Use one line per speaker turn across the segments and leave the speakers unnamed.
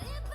Thank you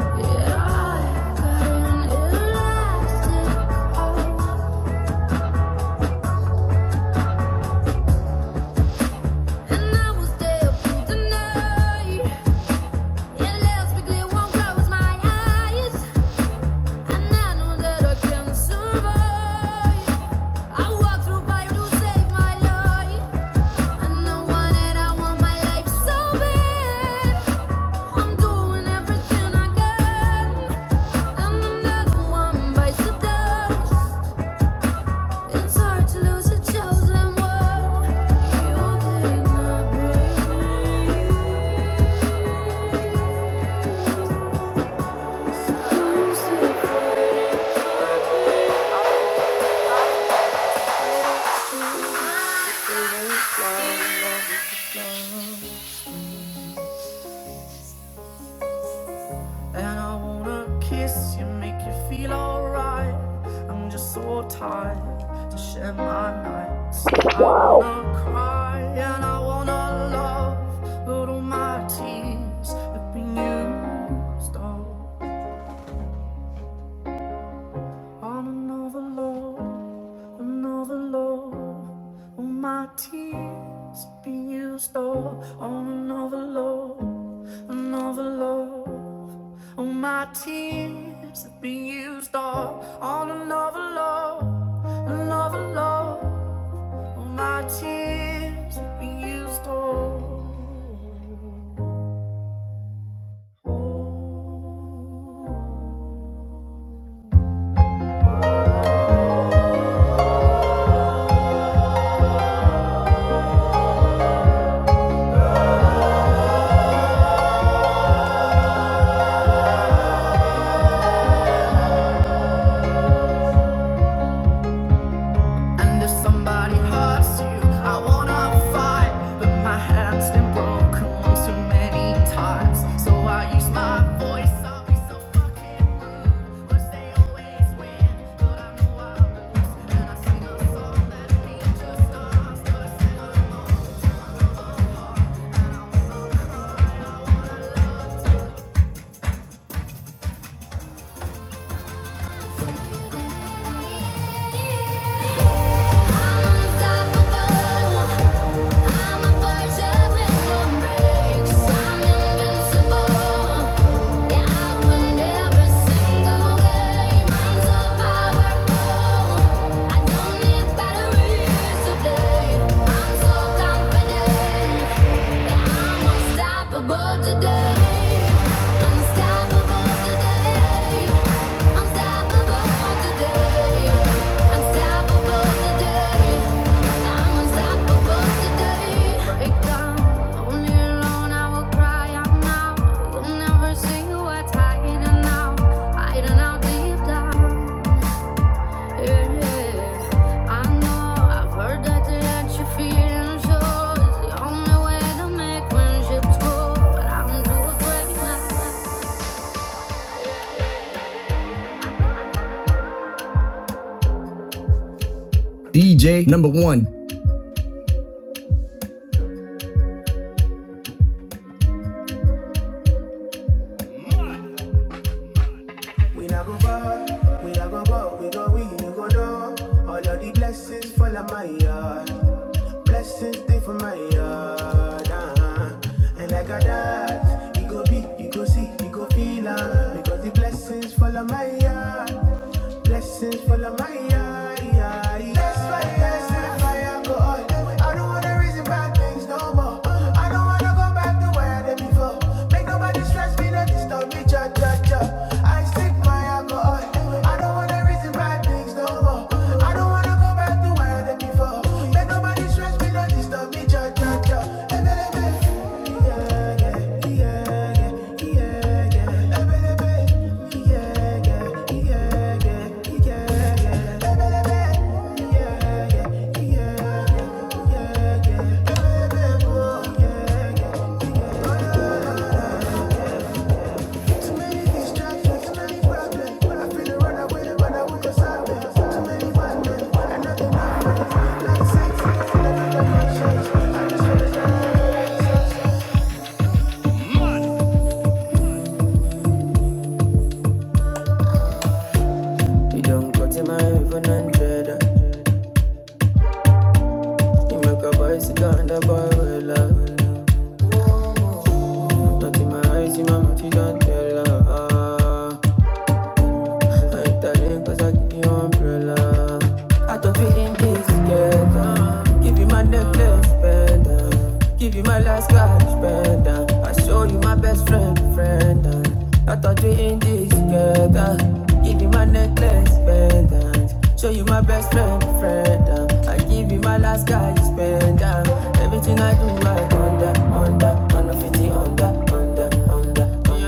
Yeah, I got an elastic heart. It's hard to lose a chosen one. You did breathe. And I wanna kiss you, make you feel alright. I'm just so tired to share my nights. I wanna cry and I wanna love, but all my tears have been used up. On another love, another love. All my tears be used all on another love, another love. All my tears be used all on another love, another love. All my tears be used all. Oh. And if somebody hurts you, I wanna fight. But my hand's been broken too many times. So I use my voice, I'll be so fucking rude. But they always win, but I know I lose. And I sing a song that ain't just us, but I sing a I don't need batteries to play. I'm so confident. Unstoppable today. Unstoppable today. Unstoppable today. Unstoppable today. I'm unstoppable today. Break only alone I will cry out now. You'll never see who I out, hiding out deep down sure DJ number one. We not go far, we not go far, we go we you go door. All of the blessings fall on my yard. Blessings stay for my yard. Uh-huh. And like a that, you go be, you go see, you go feel uh, because the blessings fall on my yard. Blessings full of my eye. That's why that's the fire go on. I don't wanna reason bad things no more. I don't wanna go back to where I did before. Make nobody stress me, no disturb me, cha cha cha. I stick my alcohol. I don't wanna reason bad things no more. I don't wanna go back to where I did before. Make nobody stress yeah. Too many distractions, too many problems. I feel the run away, but I won't go solve it. Too many bad men, nothing happens. Like sex, never got conscience. I just wanna You don't go to my even hundred. You make a boy sit down the boy will love. Not in my eyes, in my mouth, you don't tell her. I'm telling cause I give you umbrella. I thought we in this together. Give you my necklace, better. Give you my last cash, better. I show you my best friend, friend. uh. I thought we in this together. Give you my necklace, better. Show you my best friend, friend. uh. I give you my last cash, better. Everything I do, I under, under, under, 50, under, under, under, under.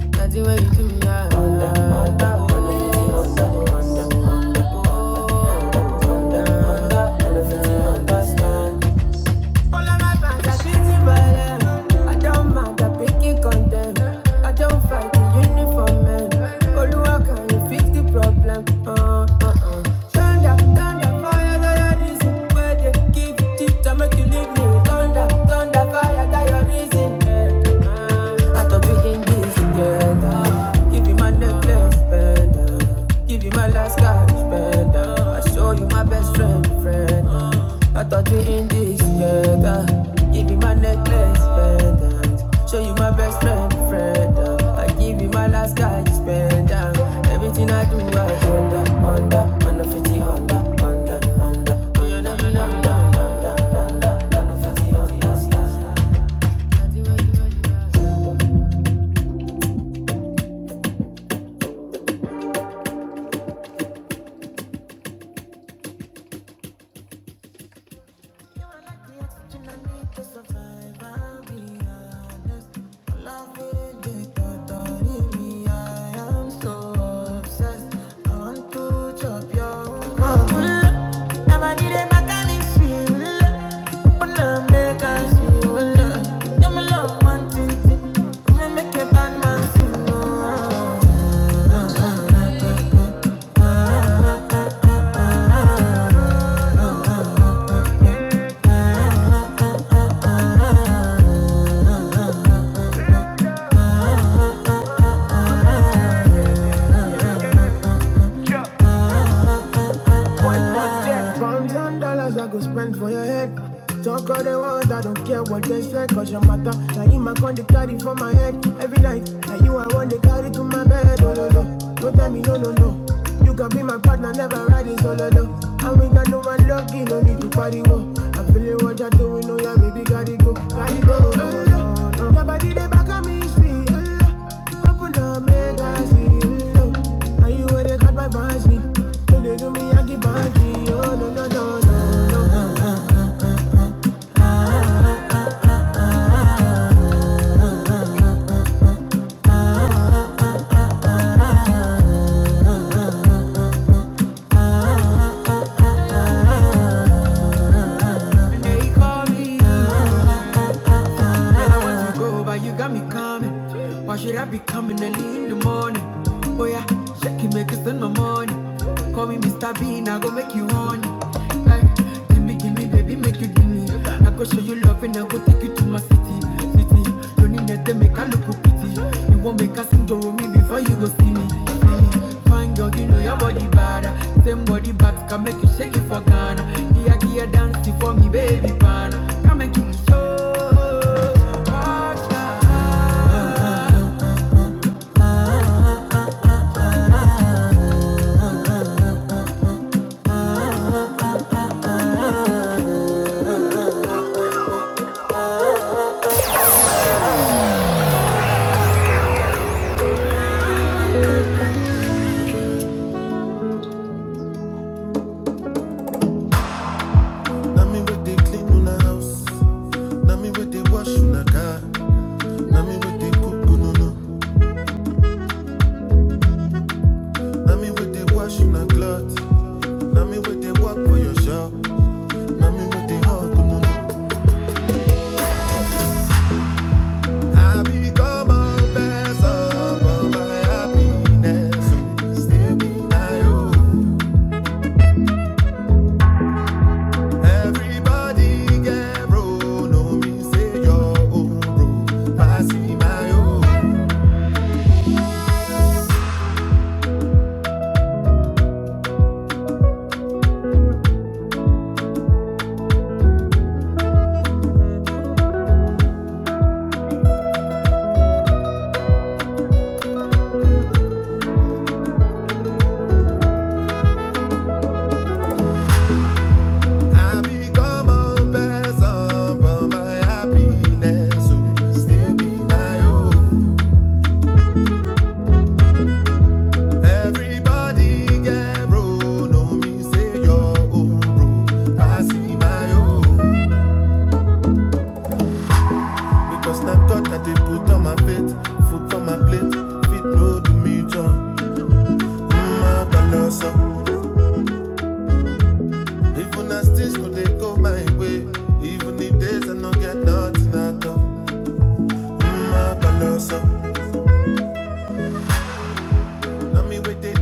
Understand. I don't mind picky content. I don't fight the uniform man. Oluwa can you fix the problem? Uh, uh, uh. Thunder, thunder, fire, that your reason. Where they give deep to make you leave Thunder, thunder, fire, that your reason. Eh, uh. uh. I thought can do together. Give you my necklace, better. Give you my last cash, better. I show you my best friend, friend. I thought we in this together. Give you my necklace, better. Show you my best friend, friend. I give you my last cash, better. Everything I do, I under, under, under 50, under, under, under. Oh, you never know, under, under, under, under 50, under, under. Yeah. Pounds and dollars I go spend for your head. Talk all they want, I don't care what they say, cause your matter. Now you my con they carry for my head every night. Now you I want they carry to my bed, oh no no. Don't tell me no no no. You can be my partner, never ride it solo no. And we got no one love. You no need to pariwo. I feel it, what you're doing, oh yeah, baby, gotta go, gotta go. Oh, yeah. Your body they back on me, see. Oh, yeah. Open up, make I see. Oh, yeah. Now you where they cut my fancy. Don't they do me Yankee Panty. Oh, no, no, no, no, no. They call me. oh. Oh, but you got me coming. Why should I be coming early in the morning? Oh yeah, shake it, make it spend my money. Call me Mr. Bean, I go make you honey. Hey, give me, give me, baby, make you give me. I go show you love and I go take you to my city, city. Don't need nothing, make I look pretty. You won't make a sing with me before you go see me. Fine girl, you know your body bad. Same body back can make you shake it for Ghana. Here, here, dance for me, baby, pana. Come and give me show.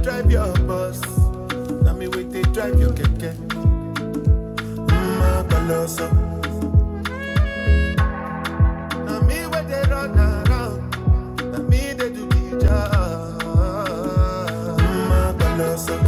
Drive your bus, now me wait they drive your keke. Mmm, I Na me where they run around. Na me they do the job. My balancer.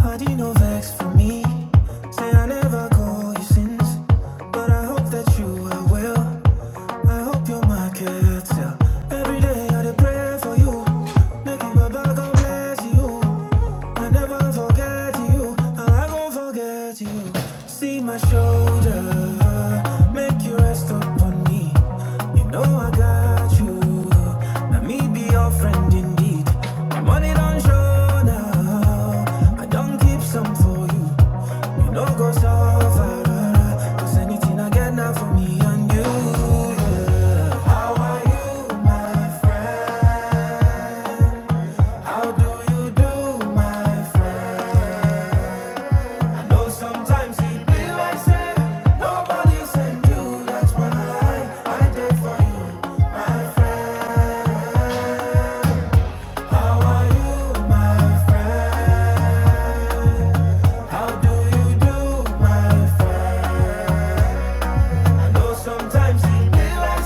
Party no vex for me. Say I never call you since, but I hope that you are well. I hope you're my caretaker. Every day I dey pray for you. Make you Baba God bless you. I never forget you. and I won't forget you. See my shoulder. Make Make you rest upon me. You know I got you. Let me be your friend indeed. My money don't show now. I don't keep some for you. You know go so far. Cause anything I get now for me and you. yeah. How are you, my friend? How do you do, my friend? No, sometimes it be like say nobody send you. That's when I said I did for you, my friend. you, my friend? Sometimes it be like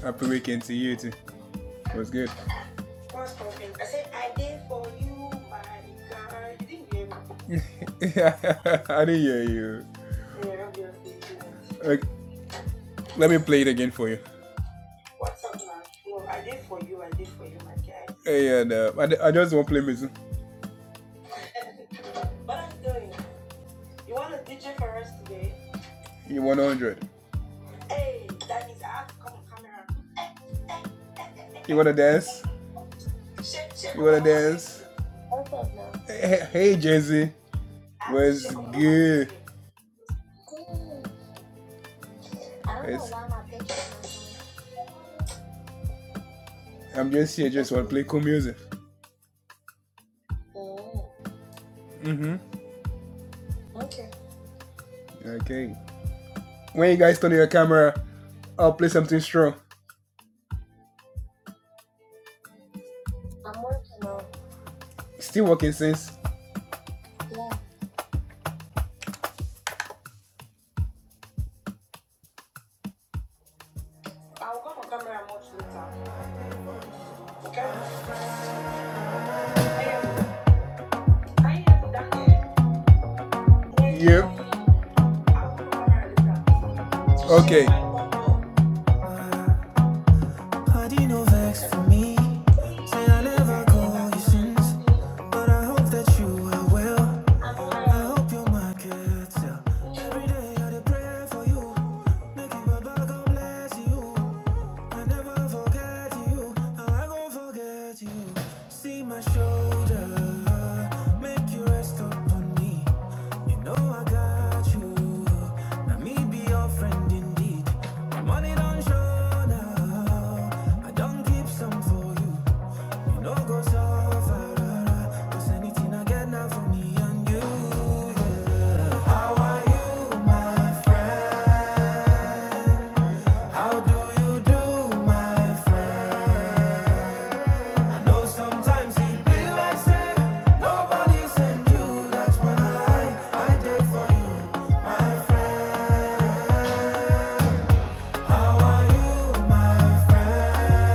Happy weekend to you too. was good. I didn't hear you. Yeah, obviously. Okay, let me play it again for you. What's up, man? No, I did for you. I did for you, my guy. Hey, and uh, I, I just want to play music. What are you doing? You want to DJ for us today? You 100. Hey, that means I have to come on camera. Hey, hey, hey, hey, hey, You want to dance? hey. You want to dance? Hey, hey Jay Z. What's good? I'm just here, just want to play cool music. Okay. Okay. When you guys turn your camera, I'll play something. Still working since. I'll come on camera much later. Okay? Can you hear me that? Yep. Okay. no well. well. my shoulder you rest upon me. You know I got you. Now me be your friend indeed. money don't show now. I don't keep some for you. You know go so far. rara. 'Cause anything I get now for me and you. yeah. How are you, my friend? How do you do, my friend? know sometimes it be like say nobody send you. That's when I I did for you, my friend. How are you, my friend?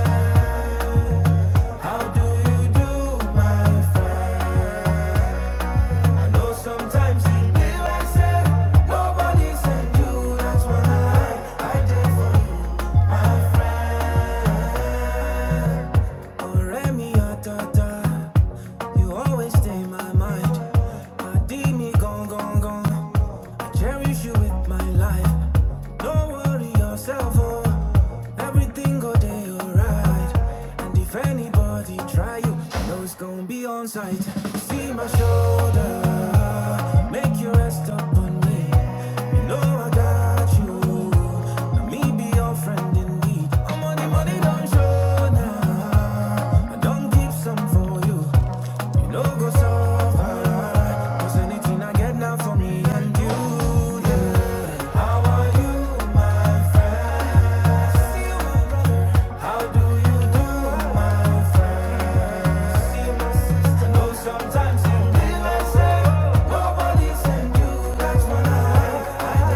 How do you do, my friend? I know sometimes it be like say nobody send you. That's when I I did for you. Oh Remy, ah, You always stay in my mind. My D me gone, gone, gone. I cherish you with my life. Don't worry yourself, oh. Everything go day alright. And if anybody try you, you know it's gonna be on sight. See my shoulder, make you rest upon me. You know I got you. Let me be your friend in need. I'm on the money, don't show now. I don't keep some for you. You know, go suffer. 'Cause anything I get now for me and you. How are you, my friend? How do you do, my friend? I know sometimes you be myself. Nobody send you That's when I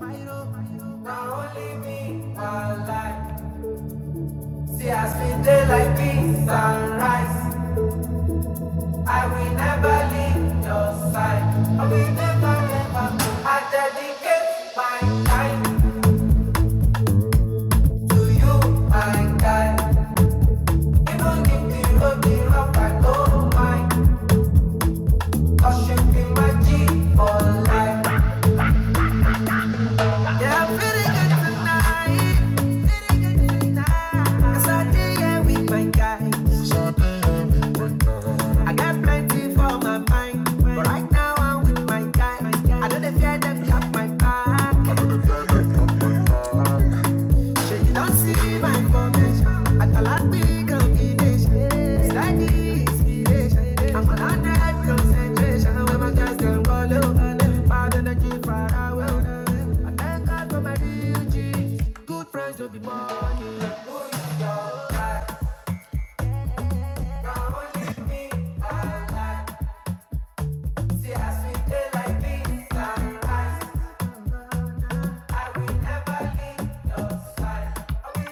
I know now only me, my life. See, I see daylight, peace, sunrise. I will never leave your side. I will never, never. I dedicate my time to you, my guy. right now, I will not let them cut my shit.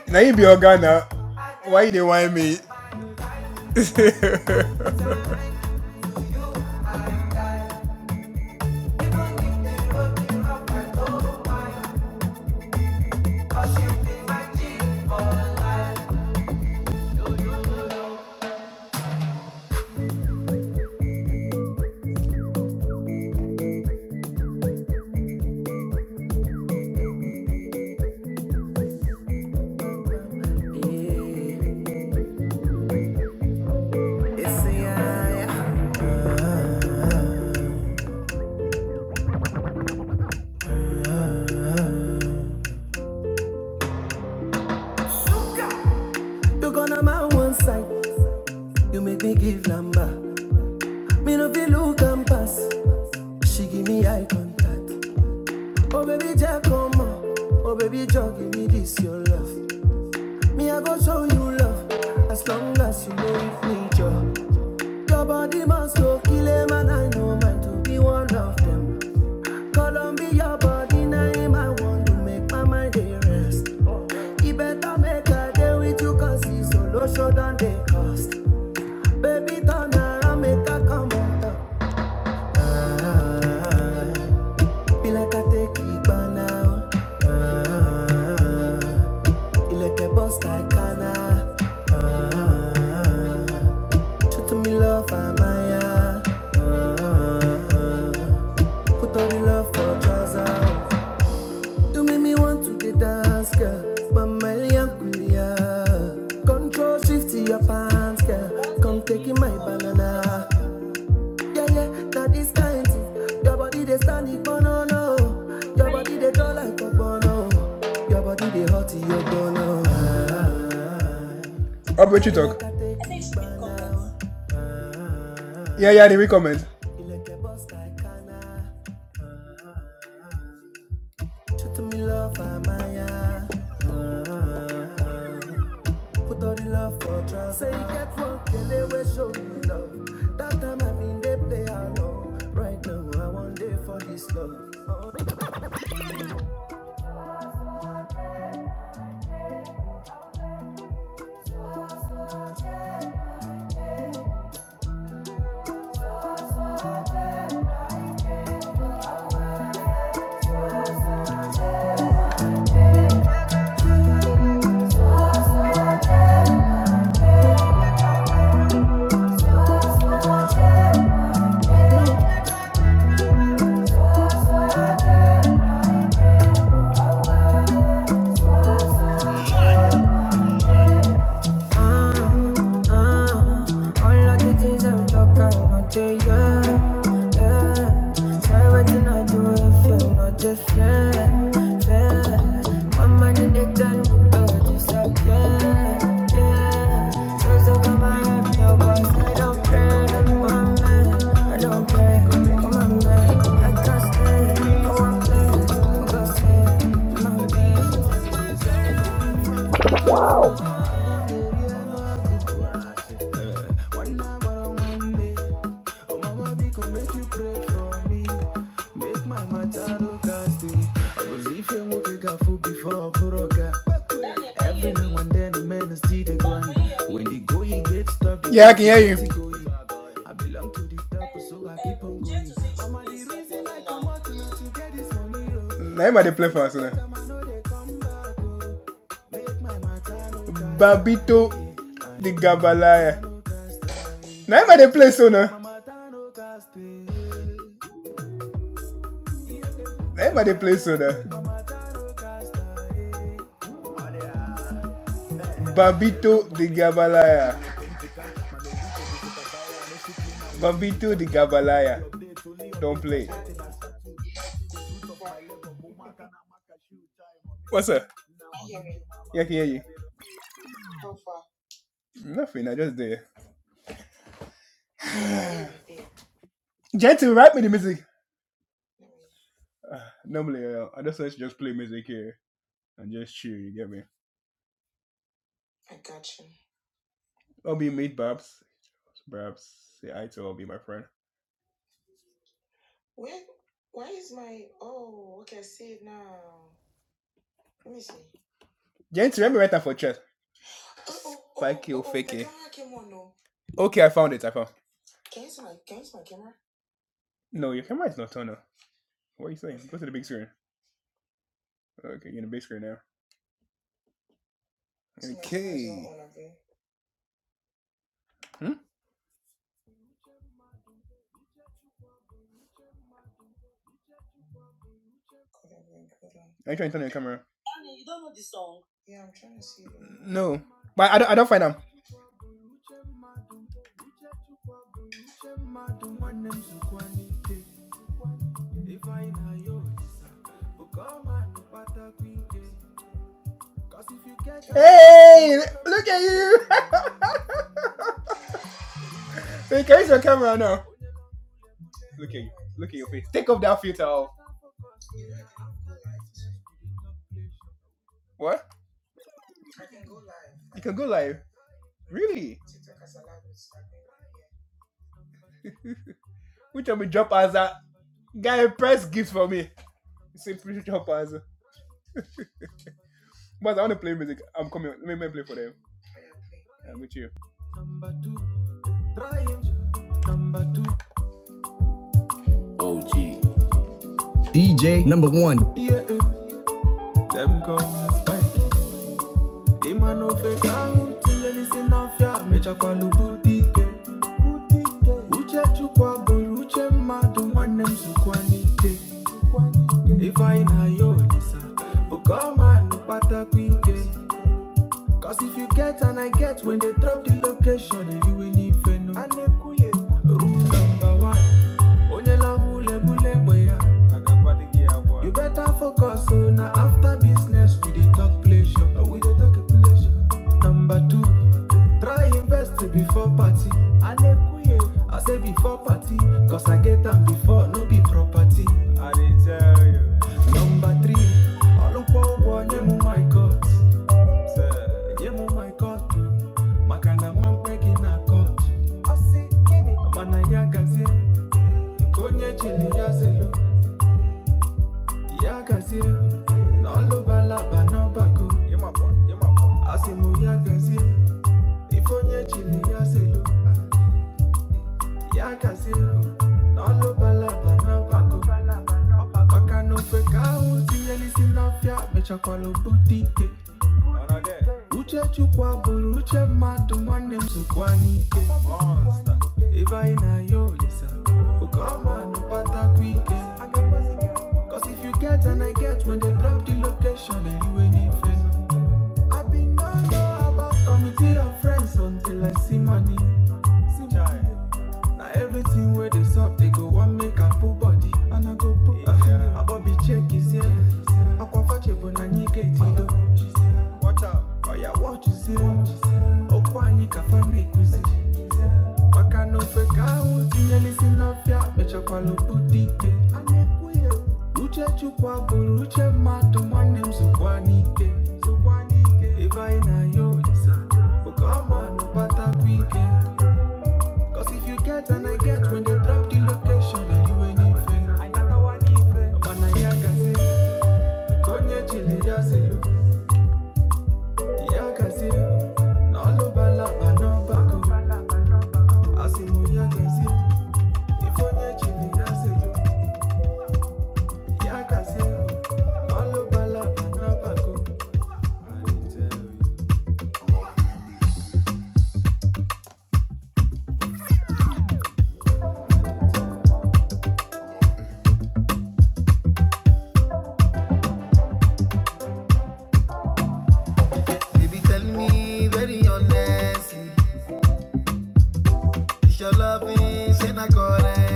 Now you be your guy now. Why they want me? yeah, yeah. You gonna my one side. You make me give number. Me no feel look and pass. She give me eye contact. Oh baby, just come on. Oh baby, just give me this your love. Me I go show you love. As long as you know with me, Joe. Your body must go kill a man. I know mine to be one of them. Colombia body name I want to make my mind dey rest. He better make a day with you 'cause he's solo show than they cost. Baby, turn around, make her come on. Ah. ah, ah. Be like I take it by now. Ah, you like a boss like Anna. Ah, show to me love, Amaya. Ah, put all the love for Jazza. You make me want to get dance, girl. But my young Control shift to your pants, girl. Come take in my banana. Yeah, yeah, that is this kind thing. Your body they stand it, but no, no. Your body they go like a bono. Your body they hot, you go no. Ah, you like a boss like Kana. Shoot me love, Amaya. Ah, put all the love for trust. Say you get one, can they will show you love? That time I been they play along. Right now I want day for this love. Uh, all of the things I'm talking about, no, they, yeah, yeah. Try what you not do if you're not the fair, fair. My money, they can go disappear, yeah. yeah. So, so come on, no, cause I don't pray, no, no, my man. I don't pray, come on, man. I can't stay, go on, play, go stay, my man. Babito the Gabalaya. Now am I the play so now? Now am I the play so now? Babito the Gabalaya. Babito the Gabalaya. Don't play. What's up? Yeah, I can hear you. Nothing, I just there. Gentle, write me the music. Normally, uh, I just like to just play music here and just chill, you get me? I'll be mate, Babs. Babs, say hi to I'll be my friend. Dude, No. Let me see. Gentle, let me write that for chat. Spike you, oh, oh, fake it. Okay, I found it, I found Can you see my Can you see my camera? No, your camera is not on. now. What are you saying? Go to the big screen. Okay, you're in the big screen now. Okay. Hmm? Are you trying to turn on your camera? No. But I don't, I don't find them. Hey! Look at you! Can you see your camera now. Look at you. Look at your face. Take off that filter. What? You can go live. Really? Which one we drop as a guy press gift for me? Say pretty drop as a... But I want to play music. I'm coming. Let me play for them. I'm with you. DJ number one. Yeah. Them come as well. They man no fake out till you listen off ya. Mecha kwa lubuti ke. Uche chukwa buru, uche madu mwane msukwani ke. If I na yo nisa, ukoma nupata kwike. Cause if you get and I get, when they drop the location, eh, you will leave Venu. rule number one. You better focus on na after business, with the talk pleasure. Oh, we dey talk pleasure. Number two, try invest before party. I say before party, cause I get am before, no be property. I tell you. Number three, I olukwo ugwo name my God. Say, give me my coat. My kind of man begging a coat. Mana yagazie, konye chili yazelu. Yagazie, na oluba laba na bago. Asimu yagazie, ifonye chili yazelu uche chukwa buru uche mmadụ nwanne m sokwa na na-aya olisa oke ọmanụ kpatakwa ike Cause if you get and I get when they drop the location you they face. I have been no know about committee of friends until I see money. See money. Now everything where they suck, they go one make a full body. And I go put a finger, yeah. a bobby check is here. I can fetch a bonani gate. Watch out. Oh yeah, watch you say. Oh, kwani kafa make we see. Maka no fake out. You listen up, yeah. Mecha kwalo butike. Anekuye. Uche chukwa buru uche mmadụ nwanne m sokwa n'ike sokwa n'ike ebe anyị na ya olisa oke ọma nụbatakwa ike Cause if you get and I get when they drop the location and you ain't even Another one even Man I ya kasi Konye chile ya se yo Ya kasi No lo bala ba no bako Asimu ya kasi Ifonye chile ya se yo Ya kasi No lo bala ba no bako I tell you It's your luck saying I got that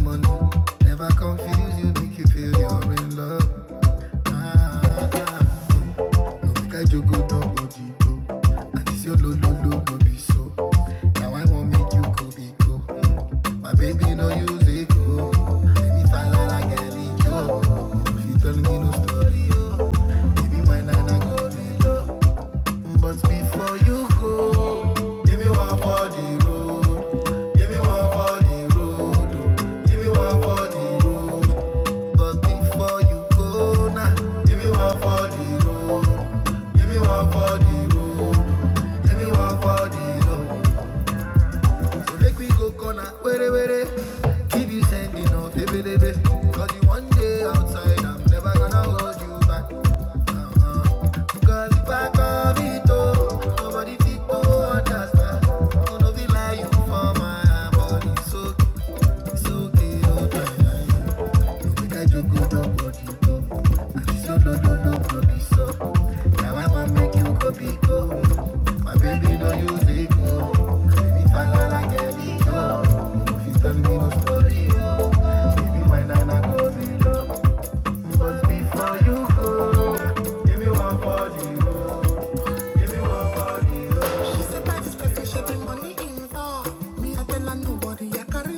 money. Never confuse you, make you feel you're in love. Ah, ah, ah. No be kai jogo nobody go. And it's your lo lo lo go be so. Now I won't make you go be go. My baby no use it go. Let me fall like a go. If you tell me no story, oh, be my nana go be low. But before you go, give me one more. Give me one for the road. oh. Give me one for the road. But before you go now, give me one for the road. Give me one for the road. Give me one for the road. Make we go corner, where where Keep you sending out, baby, baby. Cause you one day outside, I'm never gonna hold you back. Uh-uh. Cause if I come it oh, nobody fit to understand. Oh, no, be lie you for my body. So, so, okay, oh, don't think I joke, oh, don't body, oh. And it's your no, no, no, no, so. Now I wanna make you go, be go. My baby, don't use it, go. If like no oh,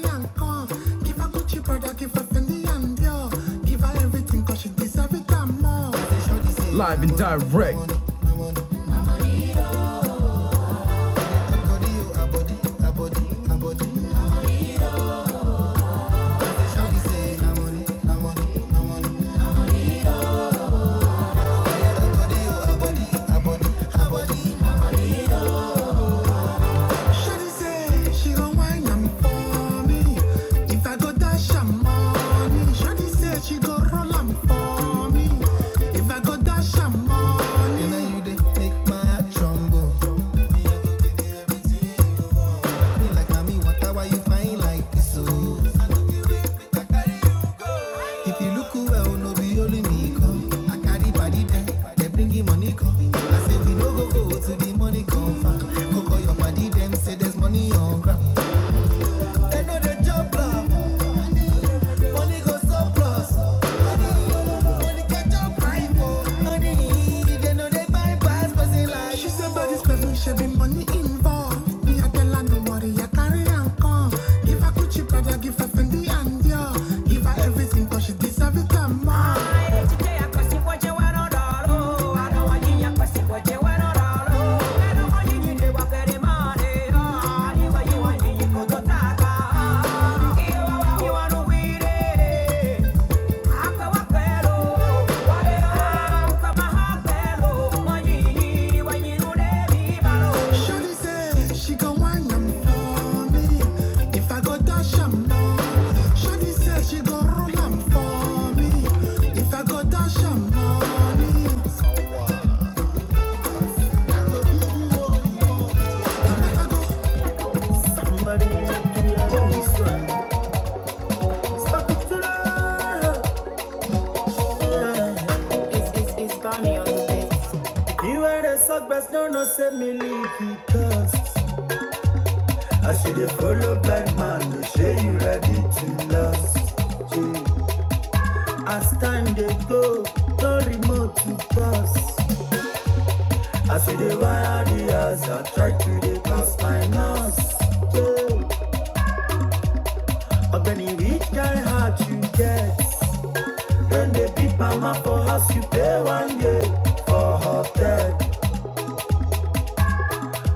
and come. Give her Gucci, brother, Live and direct. Abody, abody, abody, abody. Make my trumbo. Me like mommy, what how are you find like this? Oh. If you look well, no be only me come. I carry body there, they bringing money come. I say we no go go to the money come Go go your body them say there's money on ground. They know they jump love. Money go surplus. Money can jump right for money. They know they bypass person like She said body's perfect, she be money involved. Me I tell her no worry, I carry and Give her Gucci Prada, give her Fendi and Dior. Give her everything 'cause she deserve it and more. Yeah. Shawty say she gon' whine 'em for me. If I go dash 'em, no. Shawty say she gon' roll 'em for me. If I go dash 'em, money. No, no, send me leave because I see the follow black man. They say you ready to lust. Mm. As time they go, no remote to pass. I see the wire the house, try to dey cause my nose. Yeah. Of any which kind heart you get, when they beat mama for house, you pay one year for hotel.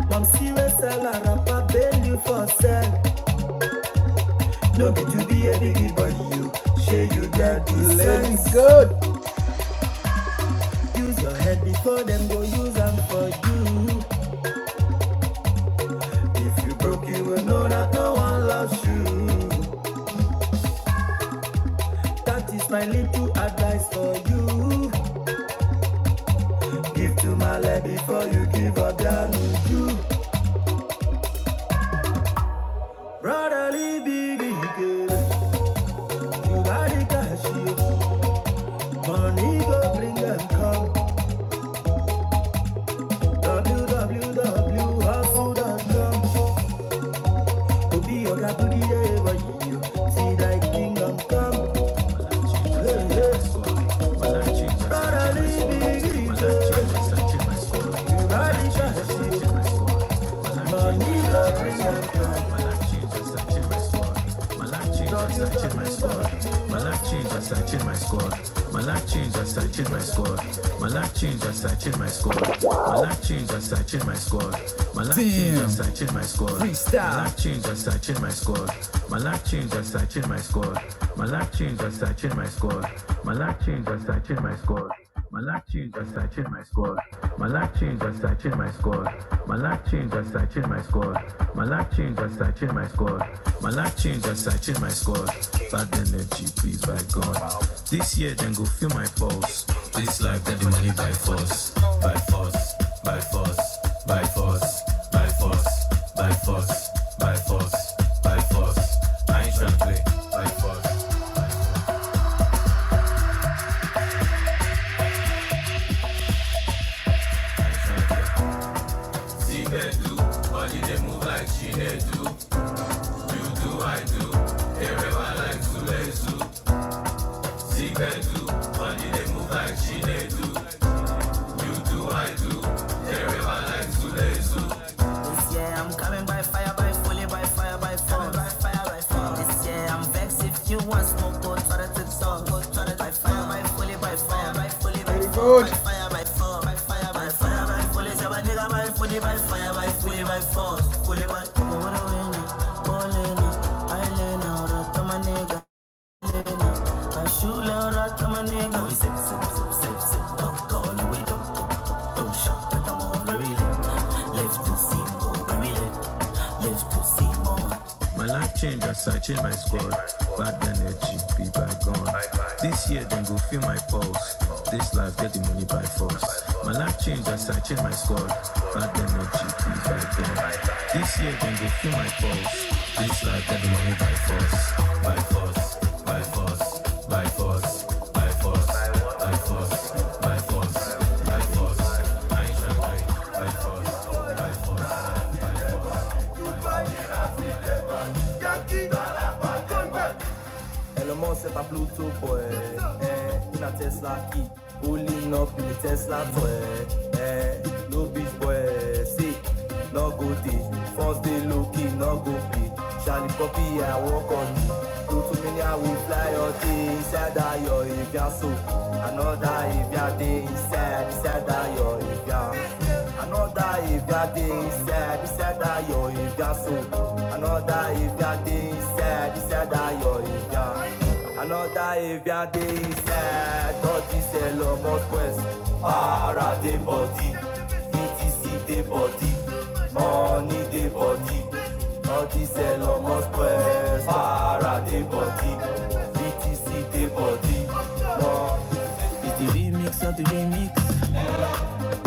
Mom see we sell a rapper, bail you for sell. No be to be a biggie, but you, share you get the sense. good. Use your head before them go use them for you. If you broke, you will know that no one loves you. That is my little advice for you. Give to my life before you give up down with you. Brotherly baby girl, you got the cash, you. Money go bring and come. www.hustle.com. To be your guy to the day, but you. See, I treat freestyle. My life changed as I changed my squad. My life changed as I changed my squad. My life changed as I changed my squad. My life changed as I changed my squad. My life changed as I changed my squad. My life changed as I changed my squad. My life changed as I changed my squad. My life changed as I changed my squad. My life changed as I changed my squad. Bad energy, please by God. This year then go feel my pulse. This life then the money by force, by force, by force, by force by force, by force, by force. I ain't tryna play by force. My life changed as I changed my squad. Bad energy be bygone. This year then go feel my pulse. This life get the money by force. My life changed as I changed my squad. Bad energy be bygone. This year then go feel my pulse. This life get the money by force, by force, by Elon Musk set up Bluetooth for eh, eh, in a Tesla key. Pulling up in the Tesla for eh, eh, no bitch boy, eh, sick, no go day. First day low key, no go pay. Charlie Poppy, I walk on you. Do too many, I will fly your day inside that your if ya so. Another if ya day inside, inside that your if ya. Another if ya day inside, inside. Dayo Ifya so another Ifya dey inside inside Dayo Ifya another Ifya dey inside dodgy cell of Quest para the body BTC dey body money the body Thought this dodgy cell of Quest para the body BTC dey body money. It's the remix of the remix.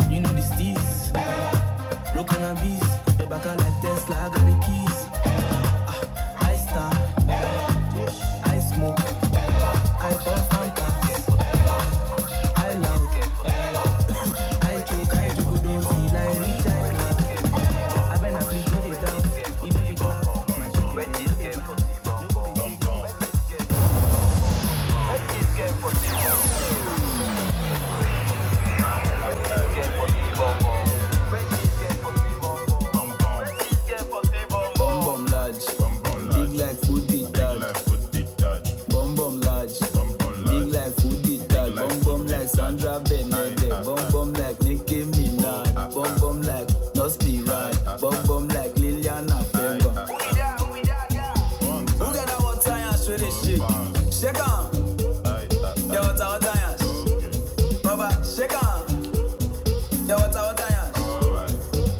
You know the steez. Broken and beast. Back like Tesla, I got the keys. I star, I smoke, I pour Fanta, I loud, I choke, I jugudo, I been a free to Bum large, big like food it that. large, big like food it that. like Sandra Bernadette, bum bum like Nicki Minaj, bum bum like Nos Pirai, bum bum like Liliana Pemba. Who got that water and show this shit? Shake on, the water water and Baba, shake on, the water water and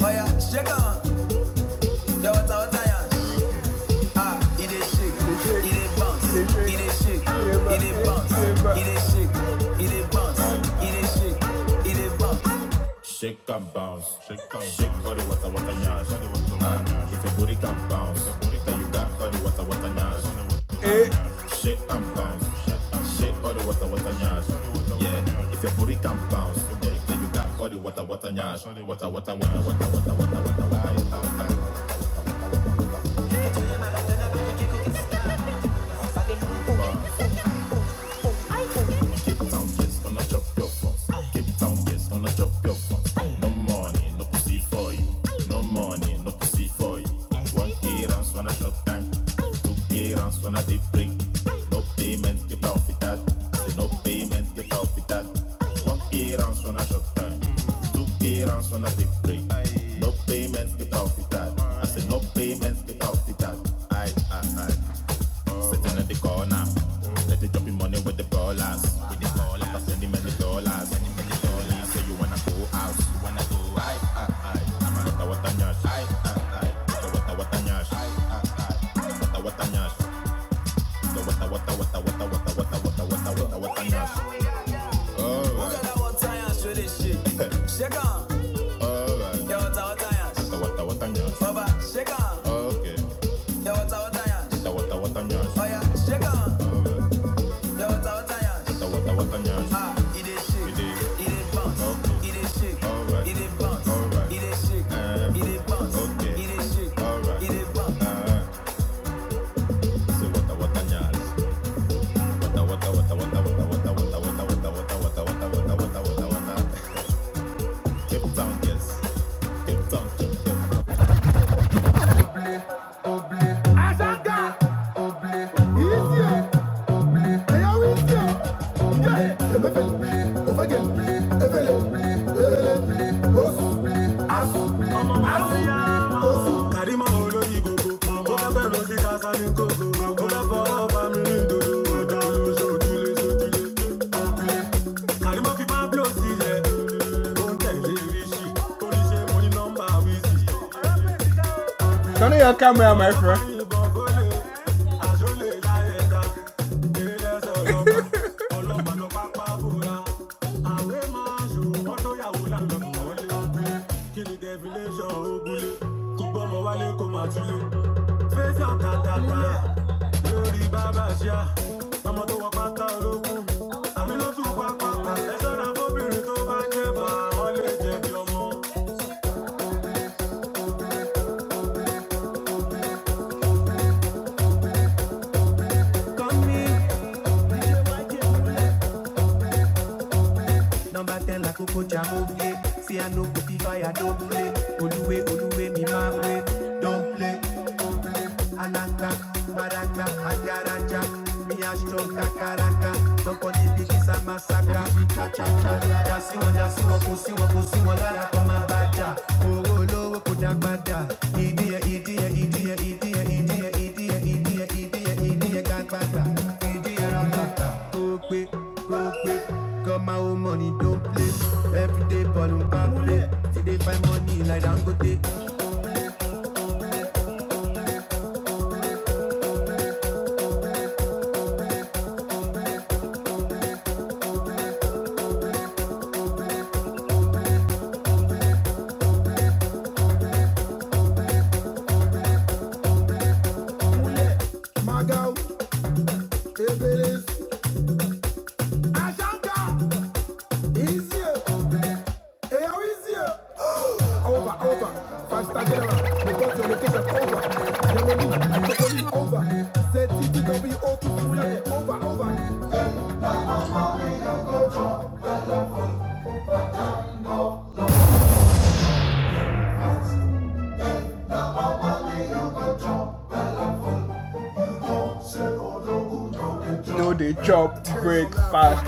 Oh yeah, shake on. Ah, no No money, no pussy for you. One errands when I shop time, two errands when I did break. No payment, get off with that. Say no payment, get off with that. One errands when I shop time, two errands when I did break. No payment, get off with I say no payment, get off with that. I, I, I. Sitting at the corner. Let it drop dropping money with the ballers. With the ballers. After sending many dollars. Sending many dollars. Say you wanna go out. You wanna go out. Aye, aye, aye. Wata wata nyash. Aye, aye, aye. Wata wata wata nyash. Aye, aye, aye. Wata wata nyash. Wata wata wata wata wata wata wata wata wata wata wata nyash. Oh, Look Alright, at that water and show this shit. Shake on. alright. Yeah, water, water, Wata yeah. wata Baba, shake on. Uh. Yeah, water, water, yeah. wata Oh wata yeah, shake on. Yeah, water, water, yeah. Ah, eat that shit. You dig? Eat that bounce. Okay. Eat that shit. Alright. Eat that bounce. Alright. Eat that shit. Uh, Eat that bounce. okay. Eat that shit. Alright. Eat that bounce. Uh, Karima olóyin gogo, ó fẹ́ fẹ́ lọ sí Kásálí kókó, ó fẹ́ fọwọ́ bá mi rí dodo, ọ̀dà lóṣù ojúlé so. Karima fi Pablo sílẹ̀, ó ń tẹ̀lé Ríṣì, ó ní ṣe mo ní nọ́mbà Wizzy, ó lè la ẹ̀ta, Number ten la koko jamo play. See I no fire don't play. Oluwe oluwe mi ma Don't play. Anaka baraka agaraja. Me a strong kakaraka. Nobody be this a massacre. olówó kò dágbádá ìdíyẹ ìdíyẹ No, they chop breakfast.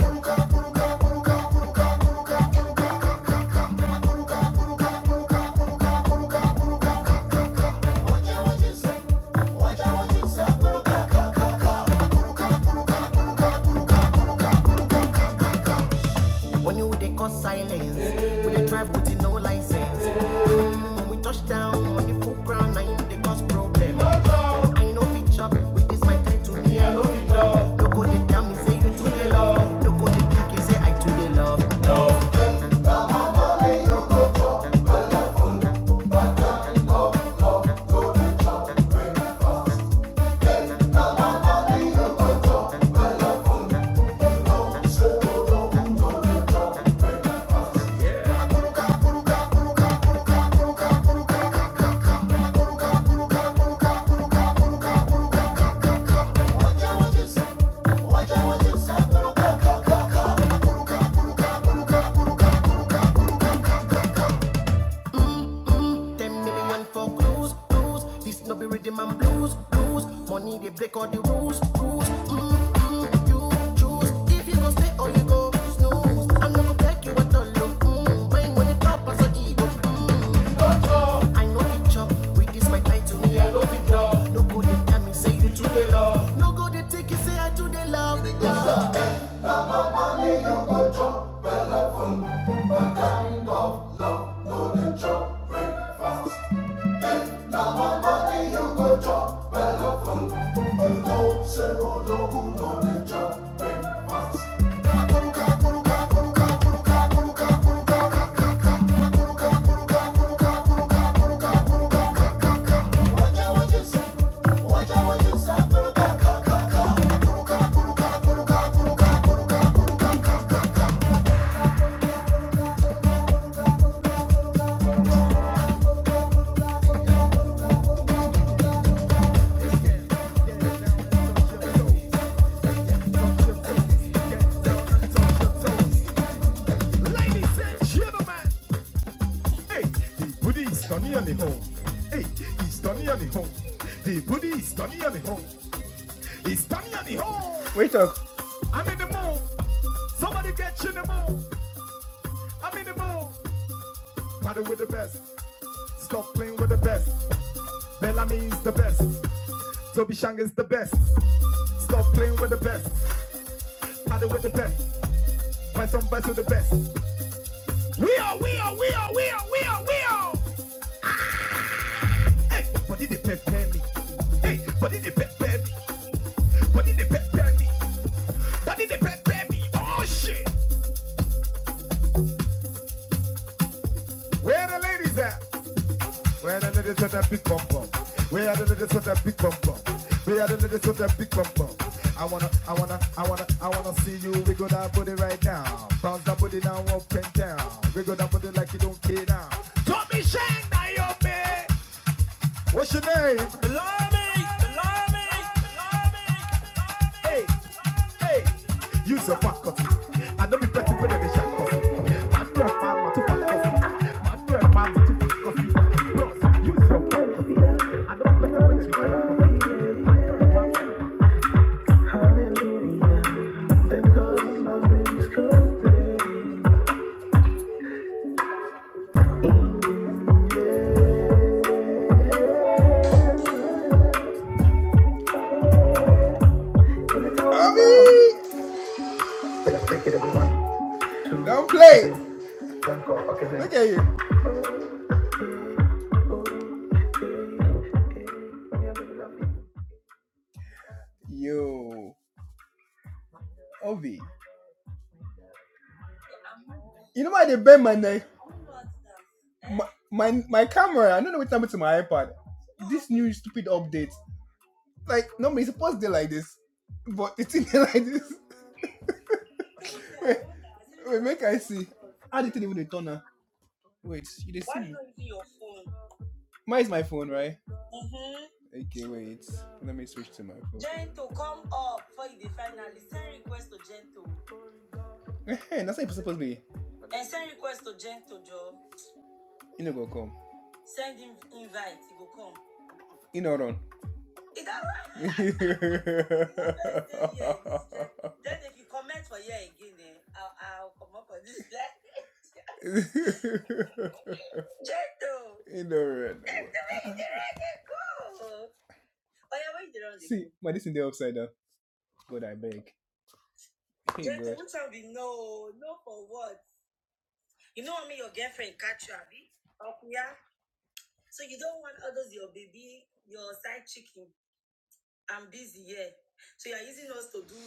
Now me say you to the love. Look on the dick, you say I to the love. Ten million for clues, clues. This no be and blues, blues. Money they break all the rules, rules. You choose if you go stay or you go snooze. I'm not gonna beg you at all. look. Mm, Mine when it top as a ego. I know it chop. With this my time to me, I love it. No go they tell me say you to the. No go they take you say I to the love. love. Ladies and gentlemen. Hey, the Buddha is turning on the home. Hey, he's turning on the home. The Buddha is turning on the home. He's turning on the home. Wait up. I'm in the mood. Somebody get you in the mood. I'm in the mood. Party with the best. Stop playing with the best. Bellamy is the best. Toby Shang is the best. Stop playing with the best. Party with the best. Find some best with the best. We are, we are, we are, we are, we are, we are. Hey, body they prepare me. Hey, body they prepare me. Body they prepare me. Body they prepare me. Oh shit. Where the ladies at? Where the ladies with that big bum bum? Where the ladies with that big bum bum? Where the ladies with that big bum bum? I wanna, I wanna, I wanna, I wanna see you wiggle that body right now. Bounce that body now up and down. Wiggle that body like you don't care now. Don't be Shang, now you What's your name? Bellamy, Bellamy, Bellamy. Hey, hey. Use a fat cutter. I don't be petty for the shot coffee. Man, you man, too fat coffee. Man, man, too fat coffee. use your phone. I don't be petty for the Don't Look at you. Yo, Ovi. You know why they bend my neck? My, my my camera. I don't know what happened to my iPad. This new stupid update. Like normally it's supposed to be like this, but it's in there like this. Wait, make I see. How did it even dey turn now? Wait, you didn't see me. Why don't you me. not using your phone? Mine is my phone, right? Okay, wait. Let me switch to my phone. Gento, come up before you dey finally send request to Gento. Hey, that's how it's supposed to be. And send request to Gento, Joe. You know, go come. Send him invite, he go come. You know, run. Is that right. Then if you comment for here again, eh, I'll, I'll come up on this. You know, run. See, my this in the upside down. God, I beg. Hey, Just God. put no, no for what? You know, what I mean, your girlfriend catch you, abi? yeah, So you don't want others, your baby, your side chicken. I'm busy, yeah. So you're using us to do.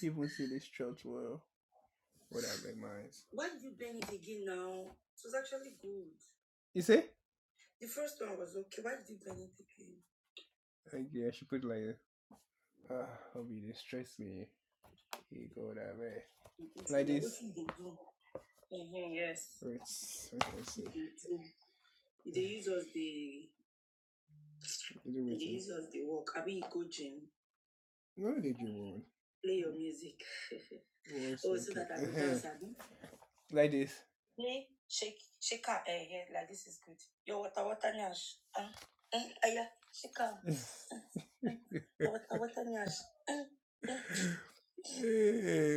can even see this church well. What I beg my eyes. You see? Like, yeah, she put like, ah, I'll be they stress me. Hey, God, I beg. Wait, wait, wait, wait. No, they do one. Like this. Hey.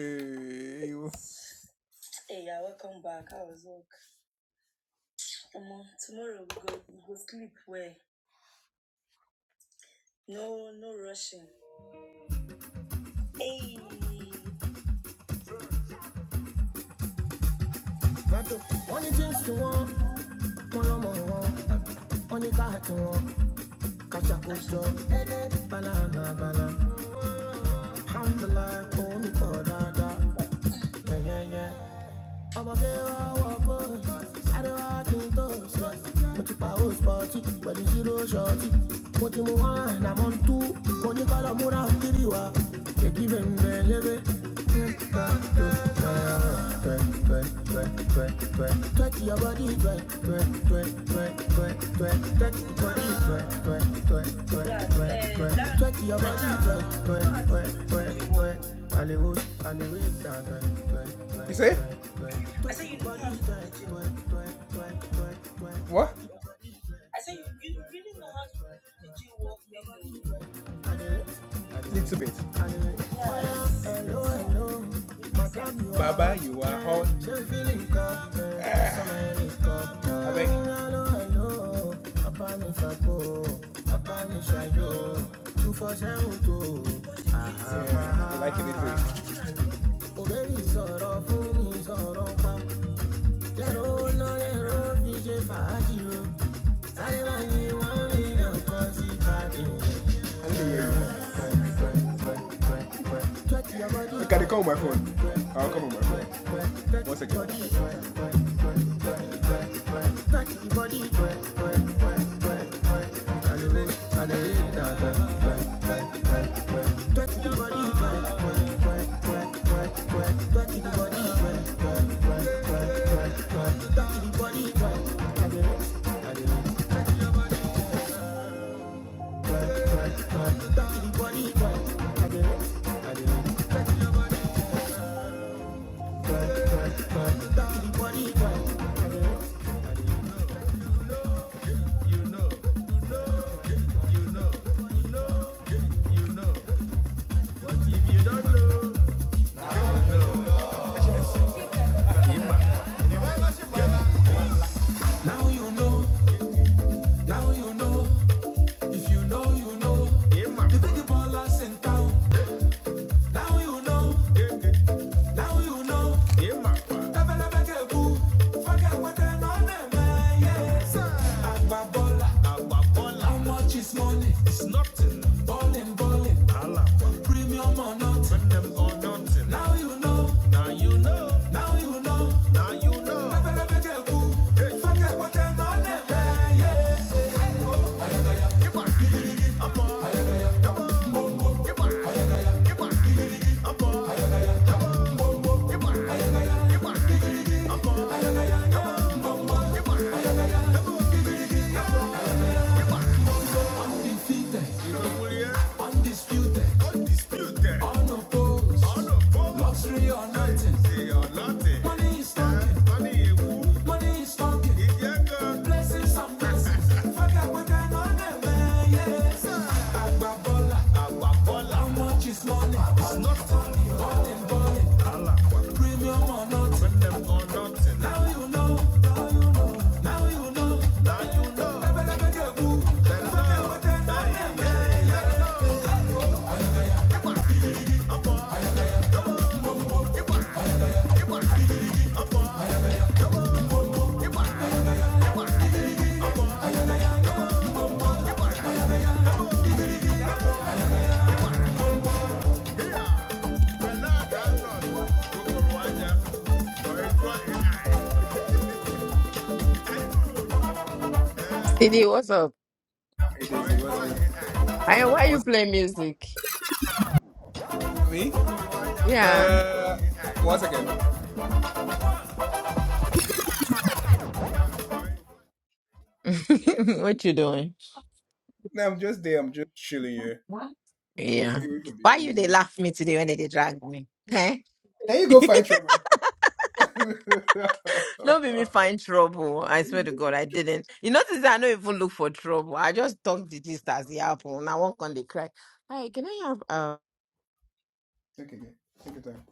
Only things to want, mo lọ́mọ wọn wọn ní káàtì wọn kàṣàkóso balabala alhamdulilayi òun ní yeah. dáadáa yẹ́yẹ́yẹ́. ọmọ bí wọ́n wọ kó àríwá kí n tó sọ mo ti pa ó spọ́tì zero ṣọ́ọ̀tì mo ti mú wọn àná mọ́ tú mo múra kiri wa èdè You say? What? Little bit. Baba, you are hot. I beg. You like it little bit. Can you call my phone? I'll come on my phone. One second.
CD, what's up? I, why you play music? Yeah. what you doing?
No, I'm just there. I'm just chilling here.
What?
A-
Yeah.
Away from the
Why you they
old.
laugh me today when they, they drag me? Hey?
Now you go find trouble. Take
Don't make me find trouble. I swear to God, I didn't. You notice that I don't even look for trouble. I just talk the gist as the apple and I walk on the crack. Hey, can I have uh
again. Take your time.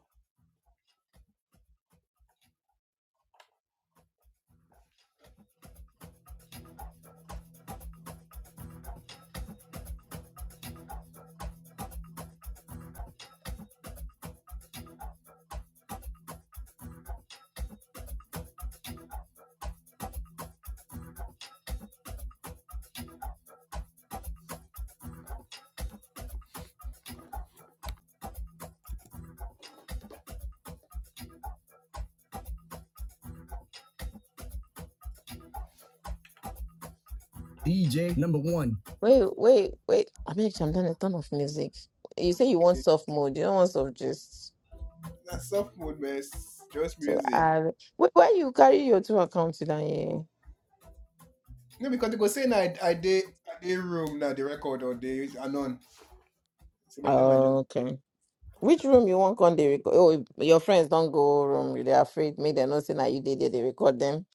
DJ number one.
wait, wait, wait. I mean I'm done a ton of music. You say you want
Okay.
soft mode, you don't want soft gist.
That's soft mode, man. Just
So
music.
uh wait, why you carry your two accounts down here?
No, because they go say na I I dey I dey room now the record or they anon. So by the time I
Oh, okay. Which room you want on they record? Oh, your friends don't go room. They are afraid. Make them not say that you did it. They record them.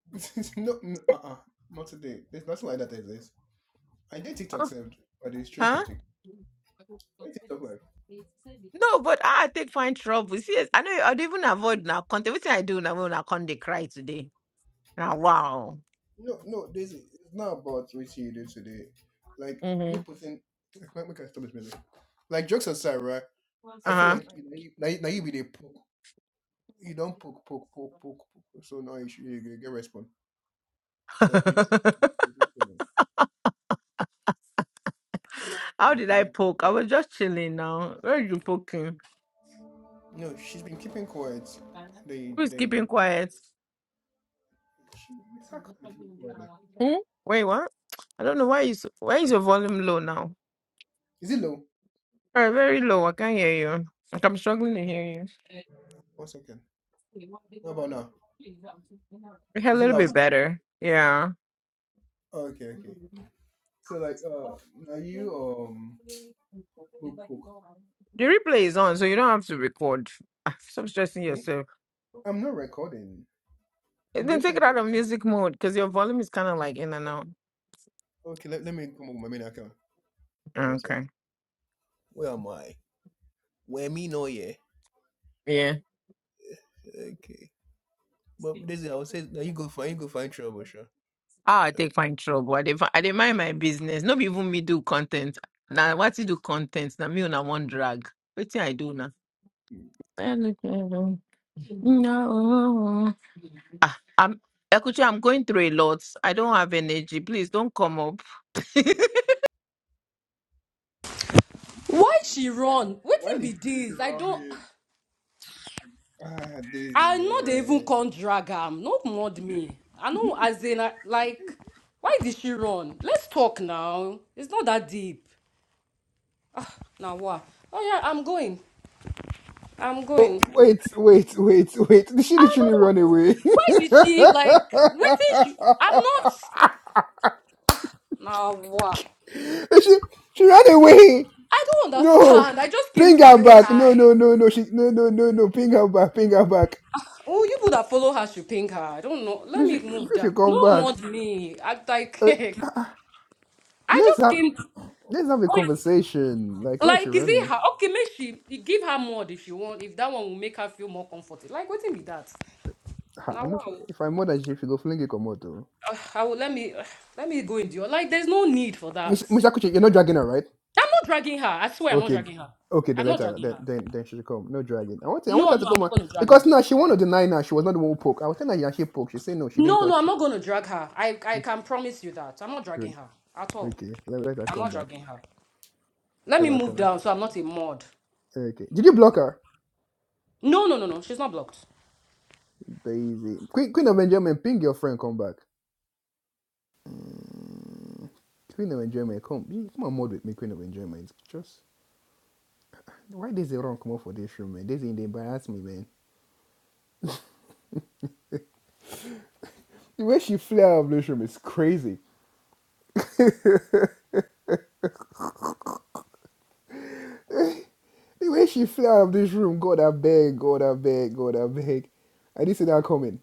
just no no uh uh not today. There's nothing like that exists. I did TikTok
Oh,
saved or they stream from
Huh?
TikTok. Why TikTok live?
No, but I take fine trouble. See, I know I'd even avoid now content. Everything I do now when I can't they cry today. Now wow.
No no this is it's not about what you do today. Like you
Mm-hmm.
putting like make make I stop this music. Like jokes aside, right? I feel
Uh-huh.
like you know you, now, you, now you be the poke. You don't poke poke poke poke poke. So now you should you get response. Like literally, you do too much.
How
Like,
did
she's
I poke? I
been
was just chilling now. Where are you poking?
No, she's been keeping quiet. They,
Who's
they,
keeping quiet?
she, it's her keeping quiet now.
Hmm? Wait, what? I don't know why is why is your volume low now?
Is it low?
All right, very low. I can't hear you. Like I'm struggling to hear you.
One second. What about now?
Yeah, A
Is it
little
loud?
bit better. Yeah.
Oh, okay, okay. So like, uh, are you um, book, book.
The replay is on, so you don't have to record. Ah, Stop stressing
me?
yourself.
I'm not recording.
And
I'm
Then
just
take it
telling. Like,
out of music mode because your volume is kind of like in and out.
okay, let, let me come on my main account. One sec.
Okay.
Where am I? Where me? No, yeah.
Yeah.
Okay. But Daisy, I would say now you go find you go find trouble, sure.
Ah, I take fine trouble. I did, I did mind my business. Not even me do content. Now, what you do content? Now, me on a one drag. What I do now? I look at them. No. I'm, Ekuchi, I'm going through a lot. I don't have energy. Please don't come up.
why she run
Why
wetin
did
be this?
you
i
run
don't.
it? Ah, Daisy,
i know they even
man.
can't drag am no mud me i know as in I- like why did she run let's talk now it's not that deep Now what? oh yeah i'm going i'm
Oh,
going
wait, wait, wait, wait. Did she
i
literally
no
run away?
why did she like wetin she i'm not Now what?
she, she ran away.
i don't
No.
understand i just came
Bring
to
her
say
back. No, no,
hi
no, no. She, no, no, no, no. Bring her back. Bring her back.
oh you people that follow her should ping her i don't know let
We
me
should,
move
we
that
should come
no
back.
mud me i
Uh,
like I
let's
just
have,
came.
let's have a
oh,
conversation. Like, why is she
Like, is it
running?
her? Okay, make she you give her mod if you want, if that one will make her feel more comfortable. Like, waiting be that.
Ah,
Now,
I know if
wow.
if I'm more than she, if you go fling it, come out though.
Uh, I will let me ugh, let me go into your like. There's no need for that.
Miss, Mr. Kuchi, you're not dragging her, right?
I'm not dragging her. I swear, I'm not
Okay,
dragging her.
okay, the
I'm not
letter.
dragging
Then,
her.
then, then she should come. No dragging. I want, to, I
No,
want her to
no, I'm
come
not
on
gonna drag
because
her.
now she want to deny now. She was not the one who poke. I was telling her yeah, she poke. She said no, she didn't
No, no,
touch.
I'm
it.
not gonna drag her. I I can promise you that. I'm not dragging
Good.
her at all.
Okay, let, let her
I'm not
come back.
dragging her. Let
Let
me
her
move
come.
down so I'm not a mod.
Okay. Did you block her?
No, no, no, no. She's not blocked.
Daisy. Queen, Queen of Enjoyment, ping your friend. Come back. Queen of Enjoyment, come. You Come on, mod with me, Queen of Enjoyment. Just why does the come up for this room, man? Daisy, they embarrass me, man. The way she flare out of this room is crazy. The way she flew out of this room, God, I beg, God, I beg, God, I beg. I didn't see that coming.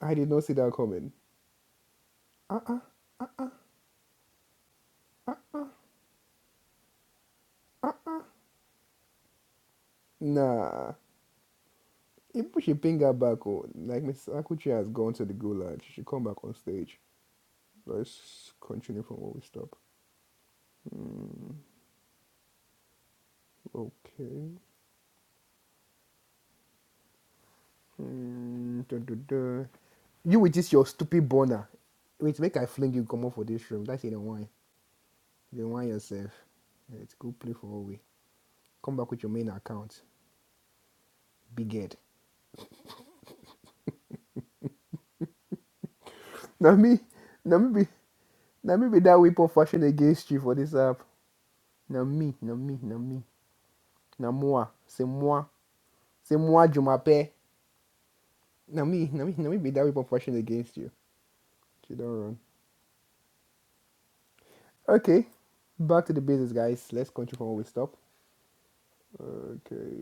I did not see that coming. Nah. Even If she should bring her back, oh, like Miss Akuchi has gone to the gulag, she should come back on stage. Let's continue from where we stop. Okay. Hmm, dun, dun, dun. You with this your stupid boner. Wait, make I fling you come off for this room. That's it, Don't whine. Don't whine yourself. Let's go play for a way. Come back with your main account. Big head. Nami, me now me be Now be that weapon fashioned against you for this app. Now me, now me, now me, now moi, c'est moi, c'est moi Jumape. Now me, now me, now me be that weapon fashioned against you. You don't run. Okay, back to the basics, guys. Let's continue from where we stop. Okay.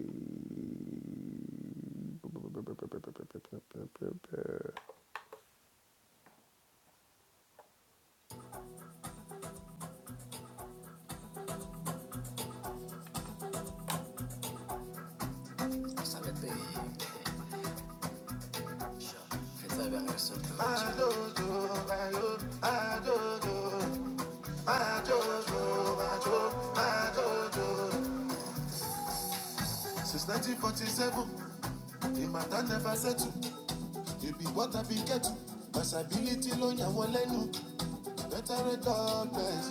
Since 1947, the matter never settled. It be what I be getting. Possibility ló yàn wọ́n lẹ́nu. Better rate of best.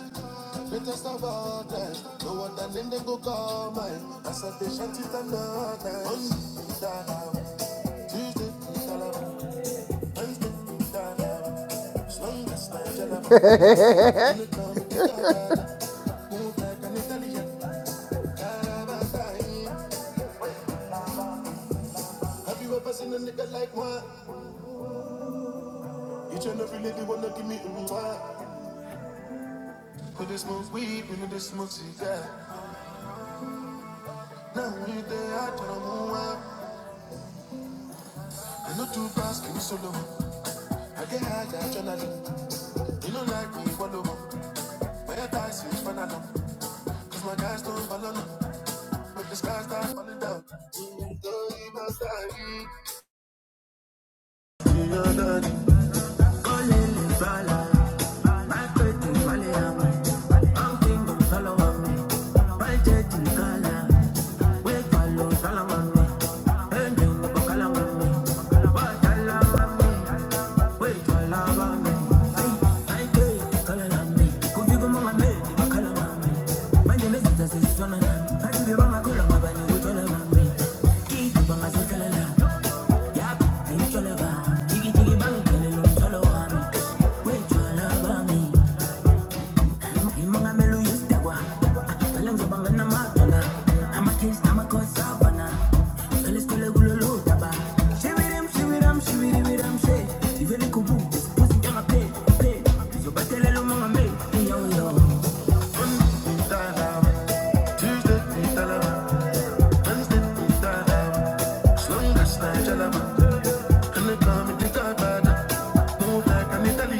Greatest of all times. No wonder then they go call mine. As I dey shanty time all night. Monday, Tuesday, Wednesday, dada. As like an Italian. Have you ever seen a nigga like one? You tryna really it, wanna give me a one. Put this move weed, you know this smooth cigar. I know too fast, give me solo. I get high, adrenaline. You know like me, follow up. My advice is final Cause my guys don't follow up. But the stars start falling down.
Wait, you love me. Yung mga meluyos dawa Ah, Walang jabangan na matana Hamakis, hamakos, savana Felis kule gulolo daba Shivirim, shiviram, shiviriviram, she Iveli kubu, pusi kama pe, pe Zobatele lo mga me, yo yo Talam, Tuesday, talam, Wednesday, talam. Slung gas na jalam. Kani kami di tabada. Mula kami tali,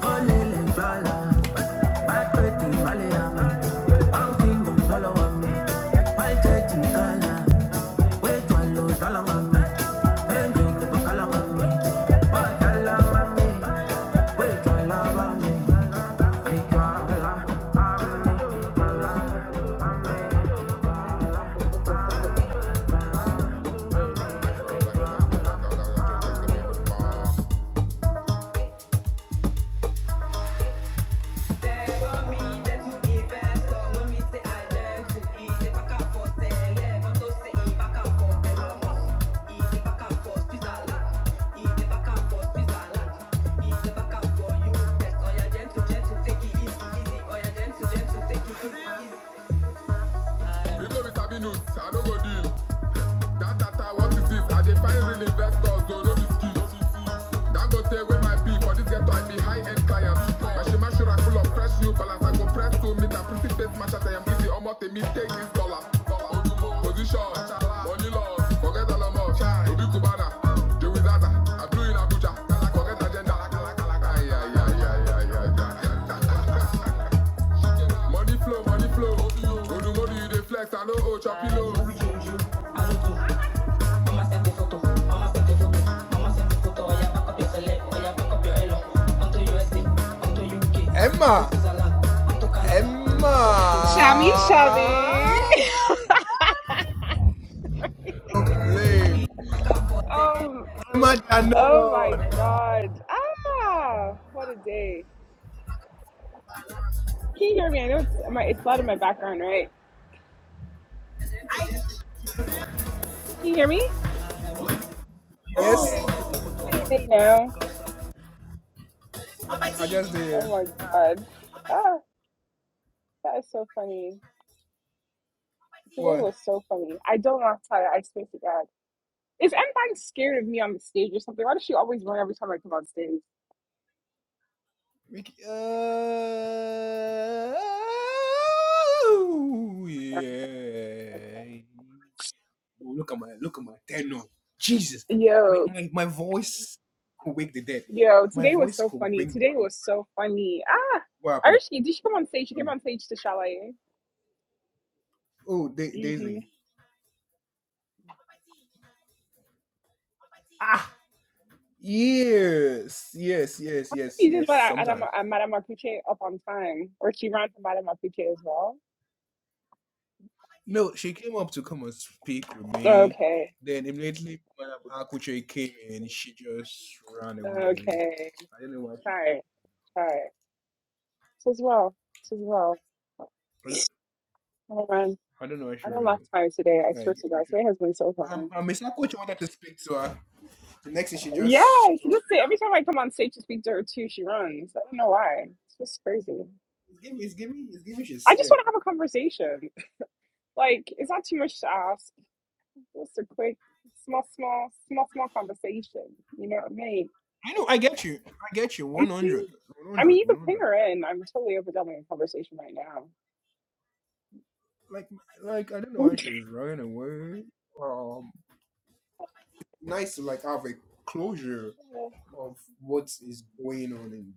Olele mbala Bad pretty follow me. Bad thing My church in color. Wait one low dollar on me. Then drink the color on me. Bad I don't go deal. That data, what it is, I dey find real investors, don't know the skills. Dangote with my people, this ghetto I be high-end clients. Mashima Shura full of fresh new balance. I go press to meet and pretty face match as I am busy. Almost a me take dollar. Position, money laws, forget Alamos, Obi Kubana, Joey Zaza, Abdul in Abuja, forget agenda. Ay, ay, ay, ay, ay, ay, ay. Emma,
Chummy
Emma,
chummy. Oh,
Emma
oh my
Janon.
God. Ah, what a day. Can you hear me? I know it's my it's loud in my background, right? Can you hear me?
Yes,
Okay. How you doing now?
I just did.
Oh my God. Ah, that is so funny. Today
What?
was so funny. I don't want to tell you. I swear to God. Is Empire scared of me on the stage or something? Why does she always run every time I come on stage?
Ricky, uh, oh,
Okay.
yeah. Oh, look at my look at my tenor. Jesus, my,
Yo,
my, my voice could wake the dead.
Yo,
My
today was
voice
so
could
funny.
bring
Today
down.
was so funny. Ah,
What happened?
Archie, did she come on stage? She
I
came
mean,
on stage to Shalaye.
oh, da-
Mm-hmm.
Daisy. Yes, yes, yes, yes,
You didn't let
yes.
Adam,
Sometime.
uh, Madame Apuche up on time, or she ran to Madame Apuche as well.
No, she came up to come and speak with me.
Okay,
Then immediately, Madam Akuche came in. She just ran away.
okay.
I don't know why
Sorry, sorry. This as well. This as well.
she.
Oh man,
I don't know where she
I don't
ran. away.
last time today. I swear
Like,
to
we
God,
should-
today has been so
um,
funny.
um, Miss Coach wanted to speak to her. The next thing she
Yeah,
just, she
she
just,
just say every time I come on stage to speak to her too, she runs. I don't know why. It's just crazy.
it's giving, it's giving, it's giving. She's
I just
scared.
want to have a conversation. Like, it's not too much to ask. Just a quick, small, small, small, small conversation. You know what I mean?
I know. I get you. I get you.
I
100,
mean, I mean,
100,
you can ping
100.
her in. I'm totally open to having a conversation right now.
Like, like, um, to like have clear of
oh
what is going on in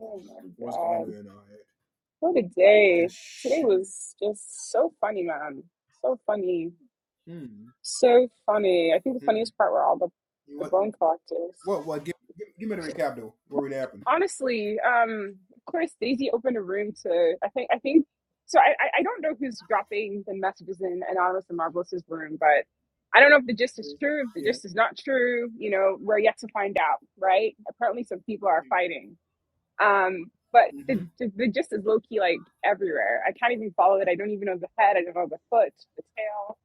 oh my
going on
God.
in her.
What a day. Today was just so funny, man. So funny. So funny. I think the funniest part were all the, the bone collectors.
What, what? Give me that though. What really happened?
honestly, um, of course, Daisy opened a room to. I think. I think. So I, I I don't know who's dropping the messages in Anonymous and Marvelous's room, but I don't know if the gist is true. If the
Yeah,
gist is not true, you know, we're yet to find out, right? Apparently, some people are fighting. Um, but the the, the gist is low key like everywhere. I can't even follow it. I don't even know the head. I don't know the foot, the tail.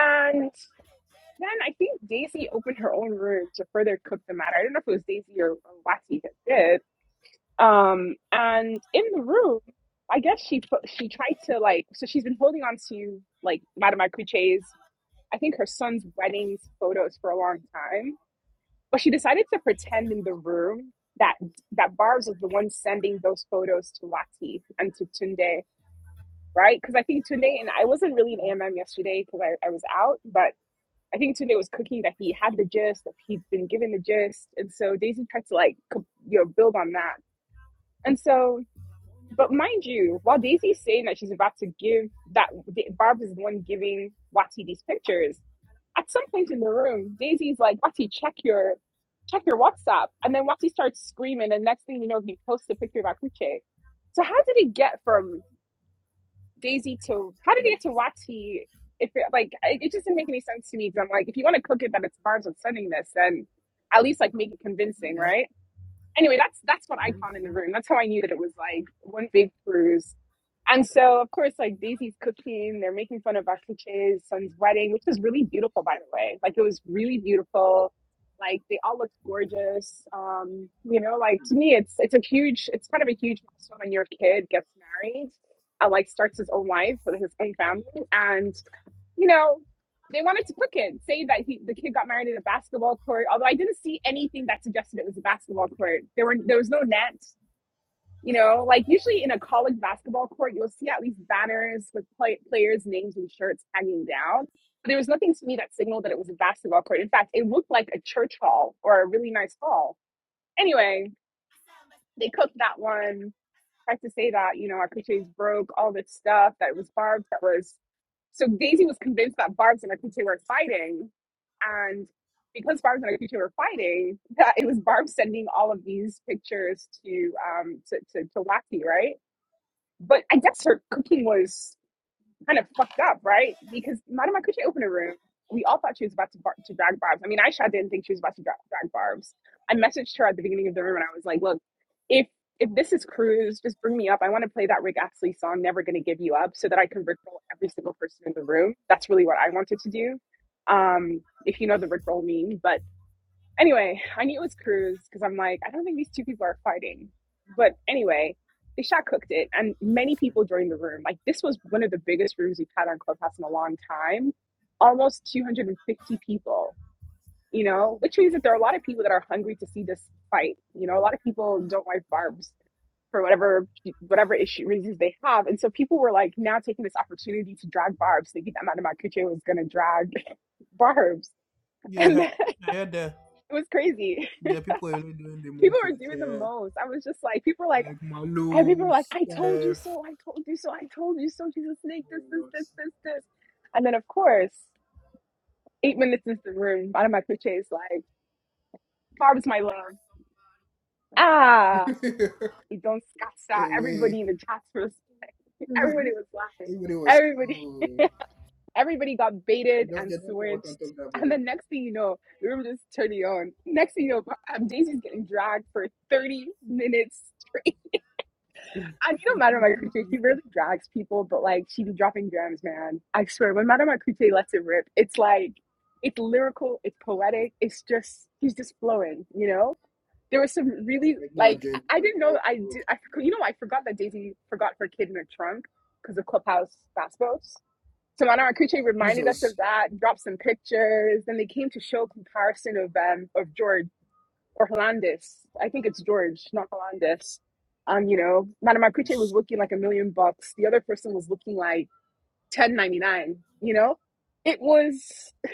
And then I think Daisy opened her own room to further cook the matter. I don't know if it was Daisy or, or Wati that did, um, and in the room, I guess she fo- she tried to like so she's been holding on to like Madame Akuche's I think her son's wedding's photos for a long time, but she decided to pretend in the room that that Barb's was the one sending those photos to Latif and to Tunde, right? Because I think Tunde and I wasn't really in AMM yesterday because I, I was out, but I think Tunde was cooking that he had the gist, that he'd been given the gist, and so Daisy tried to like co- you know build on that, and so. But mind you, while Daisy's saying that she's about to give that Barb is the one giving Wati these pictures, at some point in the room, Daisy's like, Wati, check your check your WhatsApp. And then Wati starts screaming, and next thing you know, he posts a picture of Akuche. So how did it get from Daisy to how did it get to Wati if it like it it just didn't make any sense to me because I'm like, if you want to cook it that it's Barb's upsetting this, then at least like make it convincing, right? anyway, that's that's what I found in the room. That's how I knew that it was like one big cruise. And so, of course, like Daisy's cooking, they're making fun of our Akiche's son's wedding, which was really beautiful, by the way. Like it was really beautiful. Like they all looked gorgeous. Um, you know, like to me, it's it's a huge, it's kind of a huge milestone when your kid gets married and like starts his own life with his own family. and you know, they wanted to cook him, say that he the kid got married in a basketball court. Although I didn't see anything that suggested it was a basketball court. There were there was no net. You know, like usually in a college basketball court, you'll see at least banners with play, players' names and shirts hanging down. But there was nothing to me that signaled that it was a basketball court. In fact, it looked like a church hall or a really nice hall. Anyway, they cooked that one tried to say that, you know, our crochets broke, all this stuff that it was Barb's that was. So Daisy was convinced that Barb's and our crochet were fighting. And because Barb's and our crochet were fighting, that it was Barb sending all of these pictures to um to, to, to Wacky, right? But I guess her cooking was kind of fucked up, right? Because Madame Kuche opened a room. We all thought she was about to, bar- to drag Barb's. I mean, Aisha didn't think she was about to dra- drag Barb's. I messaged her at the beginning of the room and I was like, look, if if this is Cruz, just bring me up. I want to play that Rick Astley song, Never Gonna Give You Up, so that I can rickroll every single person in the room. That's really what I wanted to do. Um, if you know the rickroll meme, but. Anyway, I knew it was Cruz because I'm like, I don't think these two people are fighting. But anyway, they shot cooked it, and many people joined the room. Like this was one of the biggest rooms we've had on Clubhouse in a long time, almost 250 people. You know, which means that there are a lot of people that are hungry to see this fight. You know, a lot of people don't like barbs for whatever whatever issue reasons they have, and so people were like now taking this opportunity to drag barbs, thinking that Madame Kuche was going to drag barbs, and
yeah.
it
I heard the
was crazy.
the people are really doing the
people
most
are
on the
doing the
chair,
most. I was just like, people are like,
like
and people
Malu,
are like, I told you
Steph.
so, I told you so, I told you so, Jesus Snake, this, this,
Who
this,
else?
this, this. And then, of course, eight minutes into the room, out of my pitch is like, Barb's my love. Ah, you don't scotch
Anyway.
Everybody in the chats was, like, everybody was laughing.
Even it was
Everybody,
cool.
everybody got
You
baited
don't,
and
you don't put water on
switched.
top of that
And
body.
the next thing you know, the room just turning on. Next thing you know, um, Daisy's getting dragged for 30 minutes And you know Madame Akute, she rarely drags people, but like she be dropping gems, man. I swear, when Madame Akute lets it rip, it's like it's lyrical, it's poetic, it's just he's just flowing, you know? There was some really
Like, no
like
agenda,
I I didn't know
no
I
code.
did I you know I forgot that Daisy forgot her kid in her trunk because of Clubhouse fast boats. So Madame Akuche reminded us
Jesus.
of that, dropped some pictures, then they came to show comparison of um of George or Hollandis. I think it's George, not Hollandis. Um, you know, Madame
I'm
Akuche was
s-
looking like a million bucks. The other person was looking like ten ninety nine. You know, it was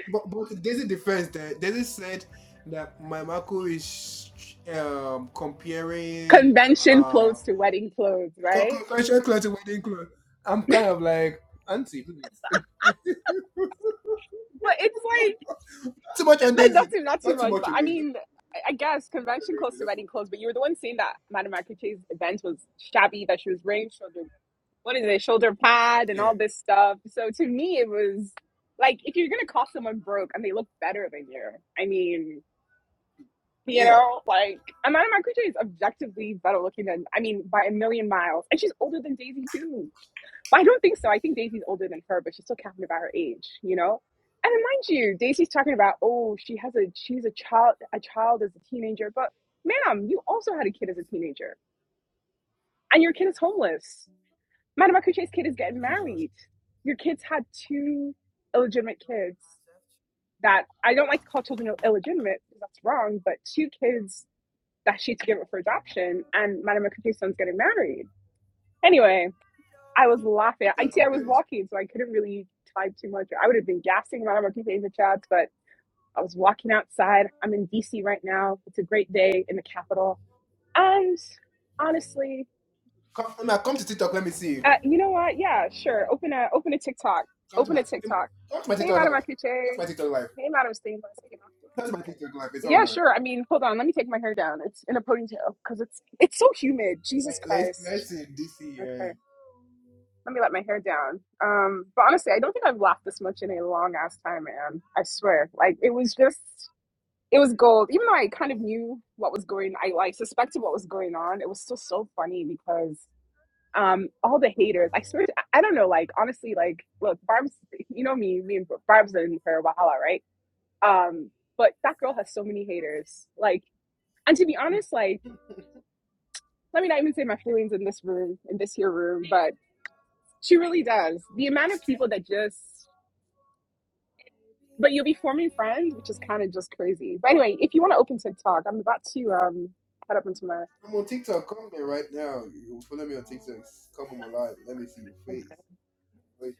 But, but there's a defense there. Daisy said that my Marco is um, comparing
convention
uh,
clothes to wedding clothes,
co-
right?
co- cultural clothes to wedding clothes. I'm kind of like, Auntie, please. not
But it's like
too much on
like,
Daisy.
not too not too
Not too
much.
much
But
on
I
Daisy. Not too
mean, I I guess
much on
convention
Daisy.
clothes to
Not too much.
wedding clothes. But you were the one saying that Madame Akuche's event was shabby, that she was wearing short. what is it, shoulder pad and
Yeah.
all this stuff. So to me, it was like if you're gonna call someone broke and they look better than you, I mean, you
Damn.
know, like Amanda Marcucci is objectively better looking than I mean by a million miles, and she's older than Daisy too. But I don't think so. I think Daisy's older than her, but she's still talking about her age, you know. And then mind you, Daisy's talking about oh she has a she's a child a child as a teenager, but ma'am, you also had a kid as a teenager, and your kid is homeless Madam Akuche's kid is getting
Jesus.
married. Your kids had two illegitimate kids that I don't like to call children illegitimate because that's wrong, but two kids that she she's given for adoption, and Madam Akuche's son's getting married. Anyway, I was laughing.
You
I
can't
see I was
compare this.
walking, so I couldn't really type too much. I would have been gassing Madam Akuche in the chats, but I was walking outside. I'm in DC right now. It's a great day in the capital. And honestly,
Come, now come to TikTok. Let me see you.
Uh, you know what? Yeah, sure. Open a open a TikTok.
Come to
Open
my
a
come
TikTok.
to my
Hey,
TikTok
Madam
live. Come
Akuche.
to my TikTok live.
Hey, Madam Stainless. You
Come to my
know.
TikTok live. It's on
Yeah,
now.
sure. I mean, hold on. Let me take my hair down. It's in a ponytail because it's it's so humid.
Like,
Jesus
let's
Christ.
let's see DC.
Okay,
Uh,
let me let my hair down. Um, but honestly, I don't think I've laughed this much in a long ass time, man. I swear. Like it was just it was gold. Even though I kind of knew what was going, I like suspected what was going on. It was still so funny because um all the haters i swear to, i don't know like honestly like look barb's you know me me and barb's in her wahala right um but that girl has so many haters like and to be honest like let me not even say my feelings in this room in this here room but she really does the amount of people that just but you'll be forming friends which is kind of just crazy but anyway if you want to open tiktok i'm about to um head up into my
I'm on TikTok. Come here right now. You follow me on TikTok. Come on my live. Let me see your face. Wait.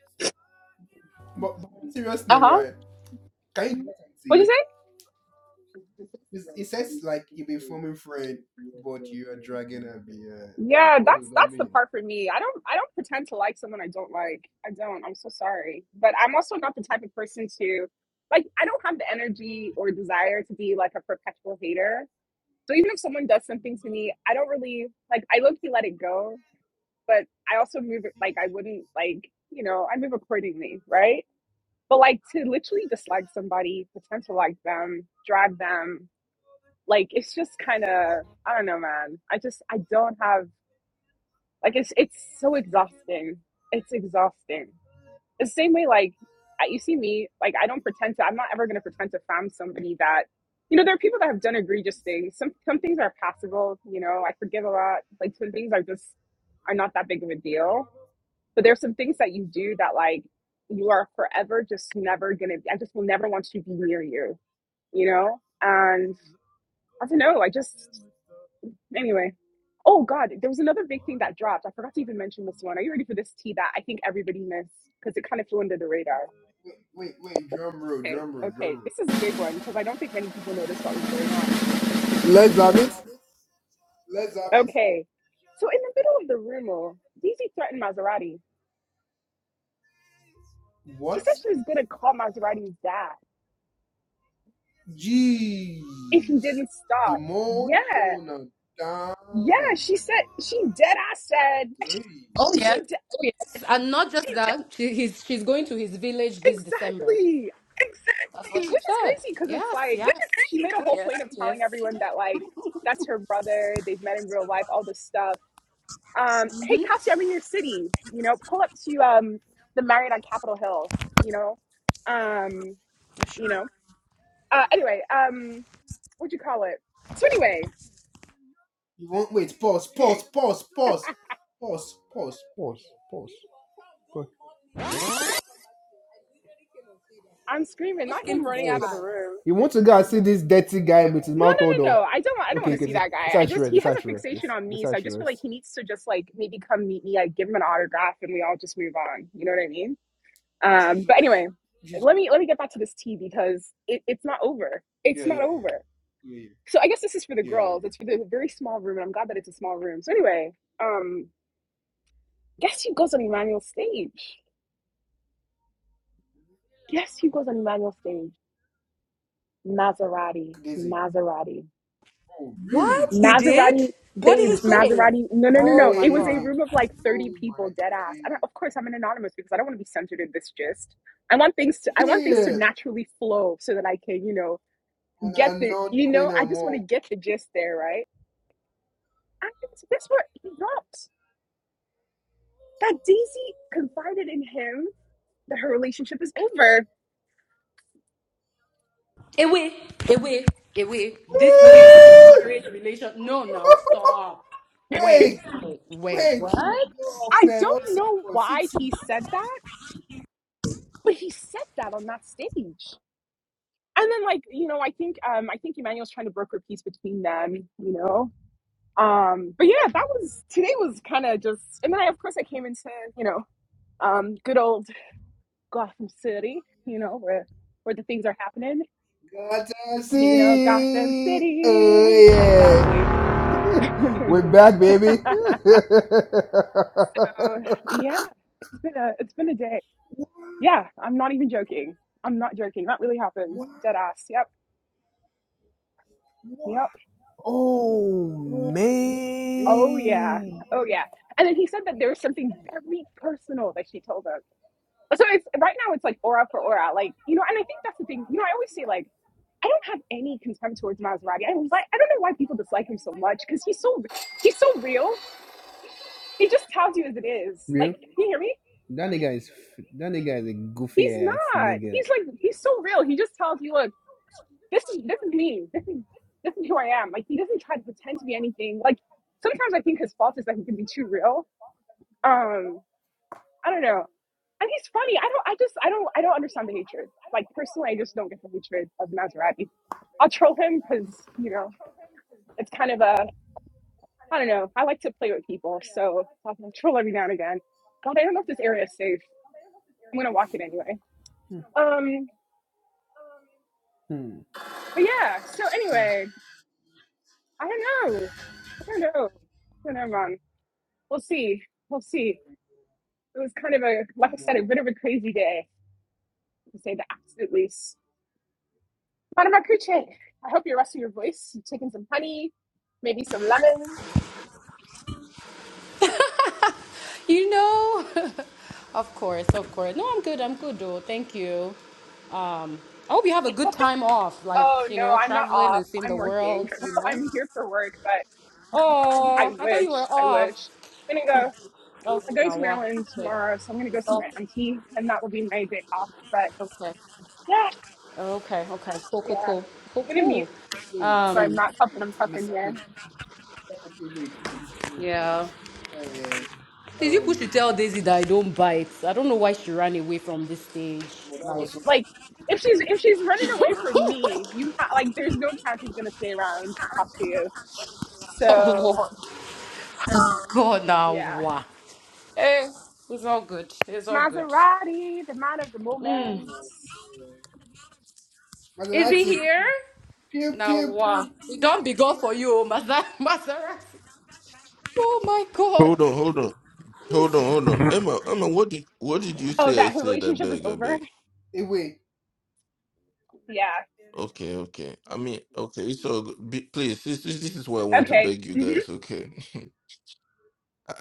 But, but seriously,
uh-huh
right? Can you do that and
what you
see?
say?
It's- It says like you've been forming friend, but you are dragging a beer. Like,
Yeah,
what does
that's
that
that's the
mean?
part for me. I don't I don't pretend to like someone I don't like. I don't. I'm so sorry. But I'm also not the type of person to like I don't have the energy or desire to be like a perpetual hater. So even if someone does something to me, I don't really like I low key let it go, but I also move it like I wouldn't like, you know, I move accordingly, right? But like to literally dislike somebody, pretend to like them, drive them, like it's just kind of I don't know, man. I just I don't have like it's it's so exhausting. It's exhausting. It's the same way like you see me like I don't pretend to. I'm not ever going to pretend to find somebody that you know. There are people that have done egregious things. Some some things are passable. You know, I forgive a lot. Like some things are just are not that big of a deal. But there's some things that you do that like you are forever just never gonna. I just will never want to be near you. You know, and I don't know. I just Anyway, oh God, there was another big thing that dropped. I forgot to even mention this one. Are you ready for this tea that I think everybody missed because it kind of flew under the radar?
Wait, wait, wait! Drum roll,
Okay,
drum roll,
okay,
drum roll.
this is a big one because I don't think many people noticed what was going on.
Let's have it.
Let's have it.
Okay, so in the middle of the rumor, DZ threatened Maserati. She
What?
said she was going to call Maserati's dad
Jeez.
if he didn't stop. Yeah,
Emotional
yeah,
damage.
she said, she dead ass said,
Hey.
Oh
she
yes.
de-
Oh yes. And not just that, she, he's, she's going to his village this December.
exactly.
That's what she
which is
said.
crazy because it's
Yes, yes.
like she made a
Oh
whole
yes.
point of
Oh yes.
telling everyone that like that's her brother they've met in real life all this stuff um hey Cassie, i'm in your city you know pull up to um the marriott on capitol hill you know um you know uh anyway um what'd you call it so anyway
You want wait, pause, pause, pause, pause, pause, pause, pause,
Pause,
pause.
pause, pause.
i'm screaming
Just
not
came
him
to
running
say
out of
hi.
the
pause.
room
You
You
want
want
to
to
go
go
and
after
see
see
this
this
dirty
dirty
guy
guy with
with his
his
no no
mouth
mouth on
all
no
though.
no
the
i don't want i don't
Okay,
want
okay,
to
okay.
okay,
see
this
that guy
this I
i
should
just
rest,
he
this I
has a
should rest, this,
fixation on
this
me
I
so i
should
just feel like
rest.
he needs to just like maybe come meet me i give him an autograph and we all just move on you know what i mean Um, but
Jesus.
anyway,
Jesus.
let me let me get back to this tea because it, it's not over.
Yeah,
It's not
yeah, yeah.
over.
Yeah,
So I guess this is for the
yeah, yeah, yeah,
girls. It's for
yeah.
the very small room, and I'm glad that it's a small room. So anyway, um, guess who goes on Emmanuel's stage? Guess who goes on Emmanuel's stage? Maserati,
Daisy.
Maserati,
Oh, really?
What he did?
Maserati
What did he
babes,
say?
Maserati. No, no, no,
Oh
no.
my
It was a
Wait.
God.
room of like
Oh
30
my
people, dead ass. I don't. Of
god.
course, I'm an anonymous because I don't want to be censored in this gist. I want things to. I want things to
Weird.
naturally flow so that I can, you know,
And
get
I'm
the
not
you
Queen
know i just want
Amor.
to get the gist there right and that's what he dropped that daisy confided in him that her relationship is over
Away, away, away. This new marriage relation. No, now stop. Wait,
Wait,
wait, wait.
wait, let me
What?
go off,
i
man. One
don't know
second. sit,
why
sit.
he said that but he said that on that stage and then like you know i think um i think emmanuel's trying to broker peace between them you know um but yeah that was today was kind of just and then i of course i came into you know um good old gotham city you know where where the things are happening
Got to see.
You know, Gotham
See, oh
City.
yeah.
Exactly.
We're
We're
back,
back,
baby.
baby.
So yeah, it's been a it's been a day. Yeah, I'm not even joking. I'm not joking. That really happened.
What?
Dead ass. Yep.
What?
Yep.
oh
Oh, man.
Oh yeah.
man,
Oh yeah. And then he said that there was something very personal that she told him. So it's right now it's like aura for aura. Like, you know, and I think that's the thing. You know, I always say like I don't have any contempt towards Maserati. I was like, I don't know why people dislike him so much because he's so he's so real. He just tells you as it is. Like,
real
can you hear me?
that
That nigga
nigga is
is.
that
That nigga is.
nigga is a
goofy.
goofy
He's
ass
not.
nigga.
He's like, he's so real. He just tells you, look, this is this is me. This is this is who I am. Like he doesn't try to pretend to be anything. Like sometimes I think his fault is that he can be too real. Um, I don't know. And he's funny. I don't. I just. I don't. I don't understand the hatred. Like personally, I just don't get the hatred of Maserati. I'll troll him because you know it's kind of a. I don't know. I like to play with people, so I'll I'll troll every now and again. God, I don't know if this area is safe. I'm gonna walk it anyway. Um,
Hmm.
but yeah, so anyway, I don't know. I don't know. I don't know, Mom. We'll see. We'll see. It was kind of a, like I said, a bit of a crazy day, to say the absolute least. Madam Akuche, I hope you're resting your voice. You've taken some honey, maybe some lemon.
You know, of course, of course. No, I'm good. I'm good, though. Thank you. Um, I hope you have a good time off, like
Oh,
you
no,
know,
I'm not
traveling
off.
and seeing
I'm
the
working.
world. You know.
I'm here for work, but
Oh,
I
I thought
wish,
you were
I
off.
wish. I'm gonna go,
Oh,
I'm going
now
to
what?
Maryland
Okay.
tomorrow, so I'm gonna go see
Oh,
my auntie, and that will be my day off. But
okay.
yeah,
Okay. Okay. Cool. Cool.
yeah.
Cool. Cool.
I'm gonna
Cool.
mute.
Wait,
so I'm
Um.
not puffing.
wait.
I'm puffing
Miss
here.
Akuchi. Akuchi, wait, wait, wait. Try
Yeah.
to. Uh,
Please, you push
um,
to tell Daisy that I don't bite. I don't know why she ran away from this stage.
well, that
Like,
was so.
Like if she's if she's running away from me, you ha- like there's no chance she's gonna stay around to talk to you.
oh
So
Lord, God, now
yeah,
what? Eh, it's all good. It's all good.
Maserati, the man of the moment.
Is he
Mathematics.
here?
Pew,
Now,
pew,
wow.
pew,
He
pew.
don't be gone for you, Maser- Maserati. Oh my God.
Hold on, hold on, hold on, hold on. Emma, Emma, what did what did you
Oh,
say? I
that her
said I
relationship is
beg, I
over.
beg.
Hey, wait.
Yeah.
Okay, okay. I mean, okay. It's all good. Be, please. This, this this is why I want to
Okay.
beg you
hmm
guys. Okay,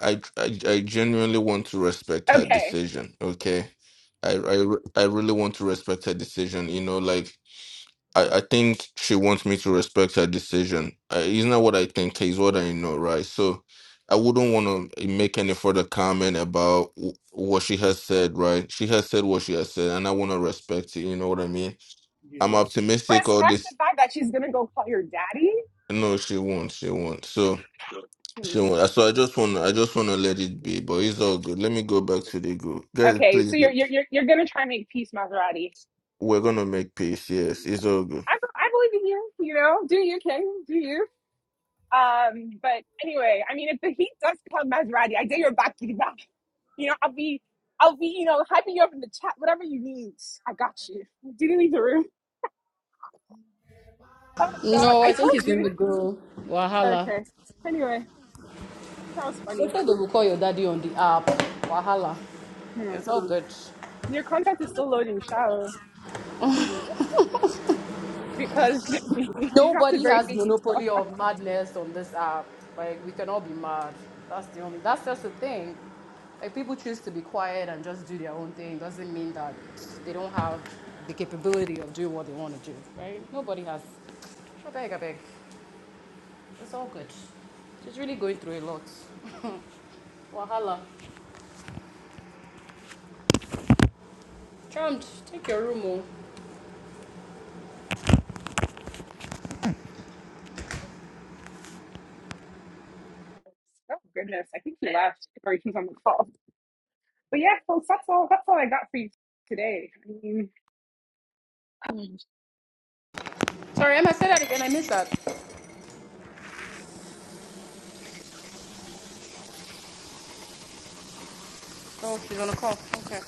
I, I I genuinely want to respect her
Okay.
decision. Okay, I I re- I really want to respect her decision. You know, like I, I think she wants me to respect her decision. Uh, it's not what I think, it's what I know, right? So I wouldn't want to make any further comment about w- what she has said, right? She has said what she has said, and I want to respect it. You know what I mean? I'm
Jesus.
optimistic. All
Respect
this,
the fact that she's gonna go call your daddy.
no, she won't. She won't. So
Hmm.
she won't. So I just want, I just want to let it be. But it's all good. Let me go back to the group, guys.
Okay,
Please,
so you're
be-
you're you're, you're gonna try and make peace, Maserati.
we're gonna make peace. Yes, it's all good.
I, I believe in you. You know, do you, King? Do you? Um, but anyway, I mean, if the heat does come, Maserati, I dare your back to back. You know, I'll be, I'll be, you know, hyping you up in the chat, whatever you need. I got you. Do you need the room? Oh God,
No, I
I
think he's
told
going
you.
to go. Wahala.
Okay. Anyway, that was
They
funny.
said they will call your daddy on the app. Wahala.
Hmm.
It's all good.
Your contact is still loading, Shao, because you dropped a
Nobody
very
has
big. influence.
monopoly of madness on this app. Like we can all be mad. That's the only. That's just the thing. Like people choose to be quiet and just do their own thing. Doesn't mean that they don't have the capability of doing what they want to do. Right? Nobody has. I beg, I beg. It's all good. She's really going through a lot. Wahala. Charmed. Take your room, oh.
Oh goodness, I think he left or he's on the call. But yeah, folks, that's all. That's all I got for you today. I mean,
Sorry, Emma. Say that again. I missed that. Oh, she's on a call. Okay.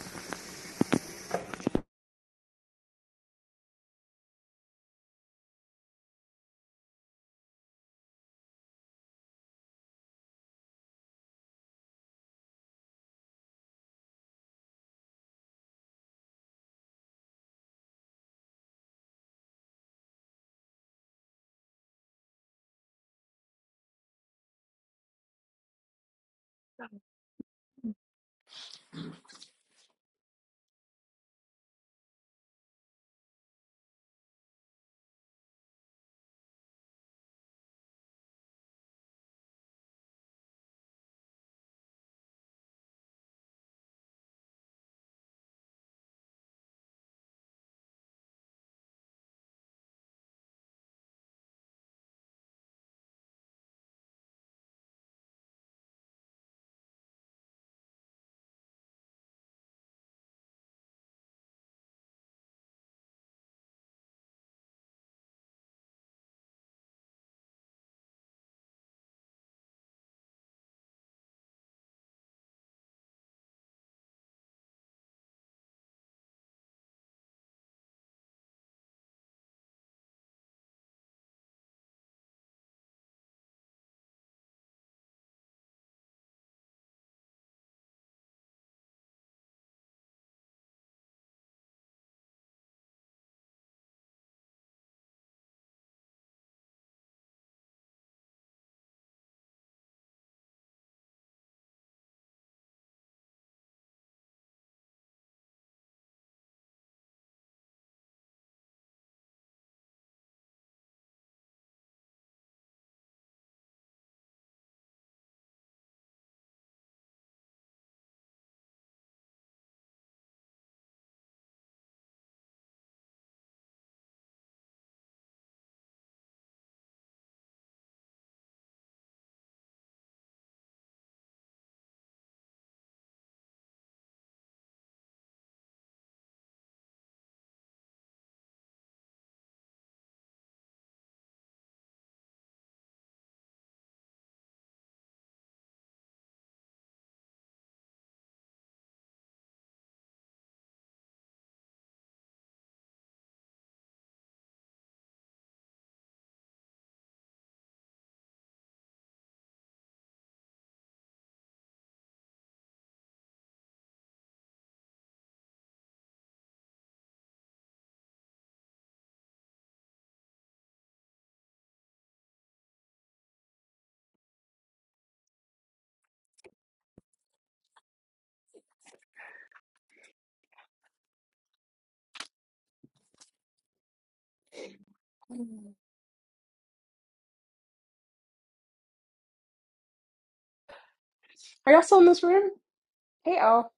are y'all still in this room? Hey, Al.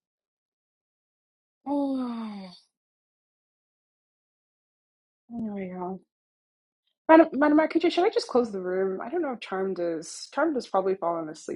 Oh, anyway, y'all. Madam, Madam Architect, should I just close the room? I don't know if Charmed is. Charmed is probably fallen asleep.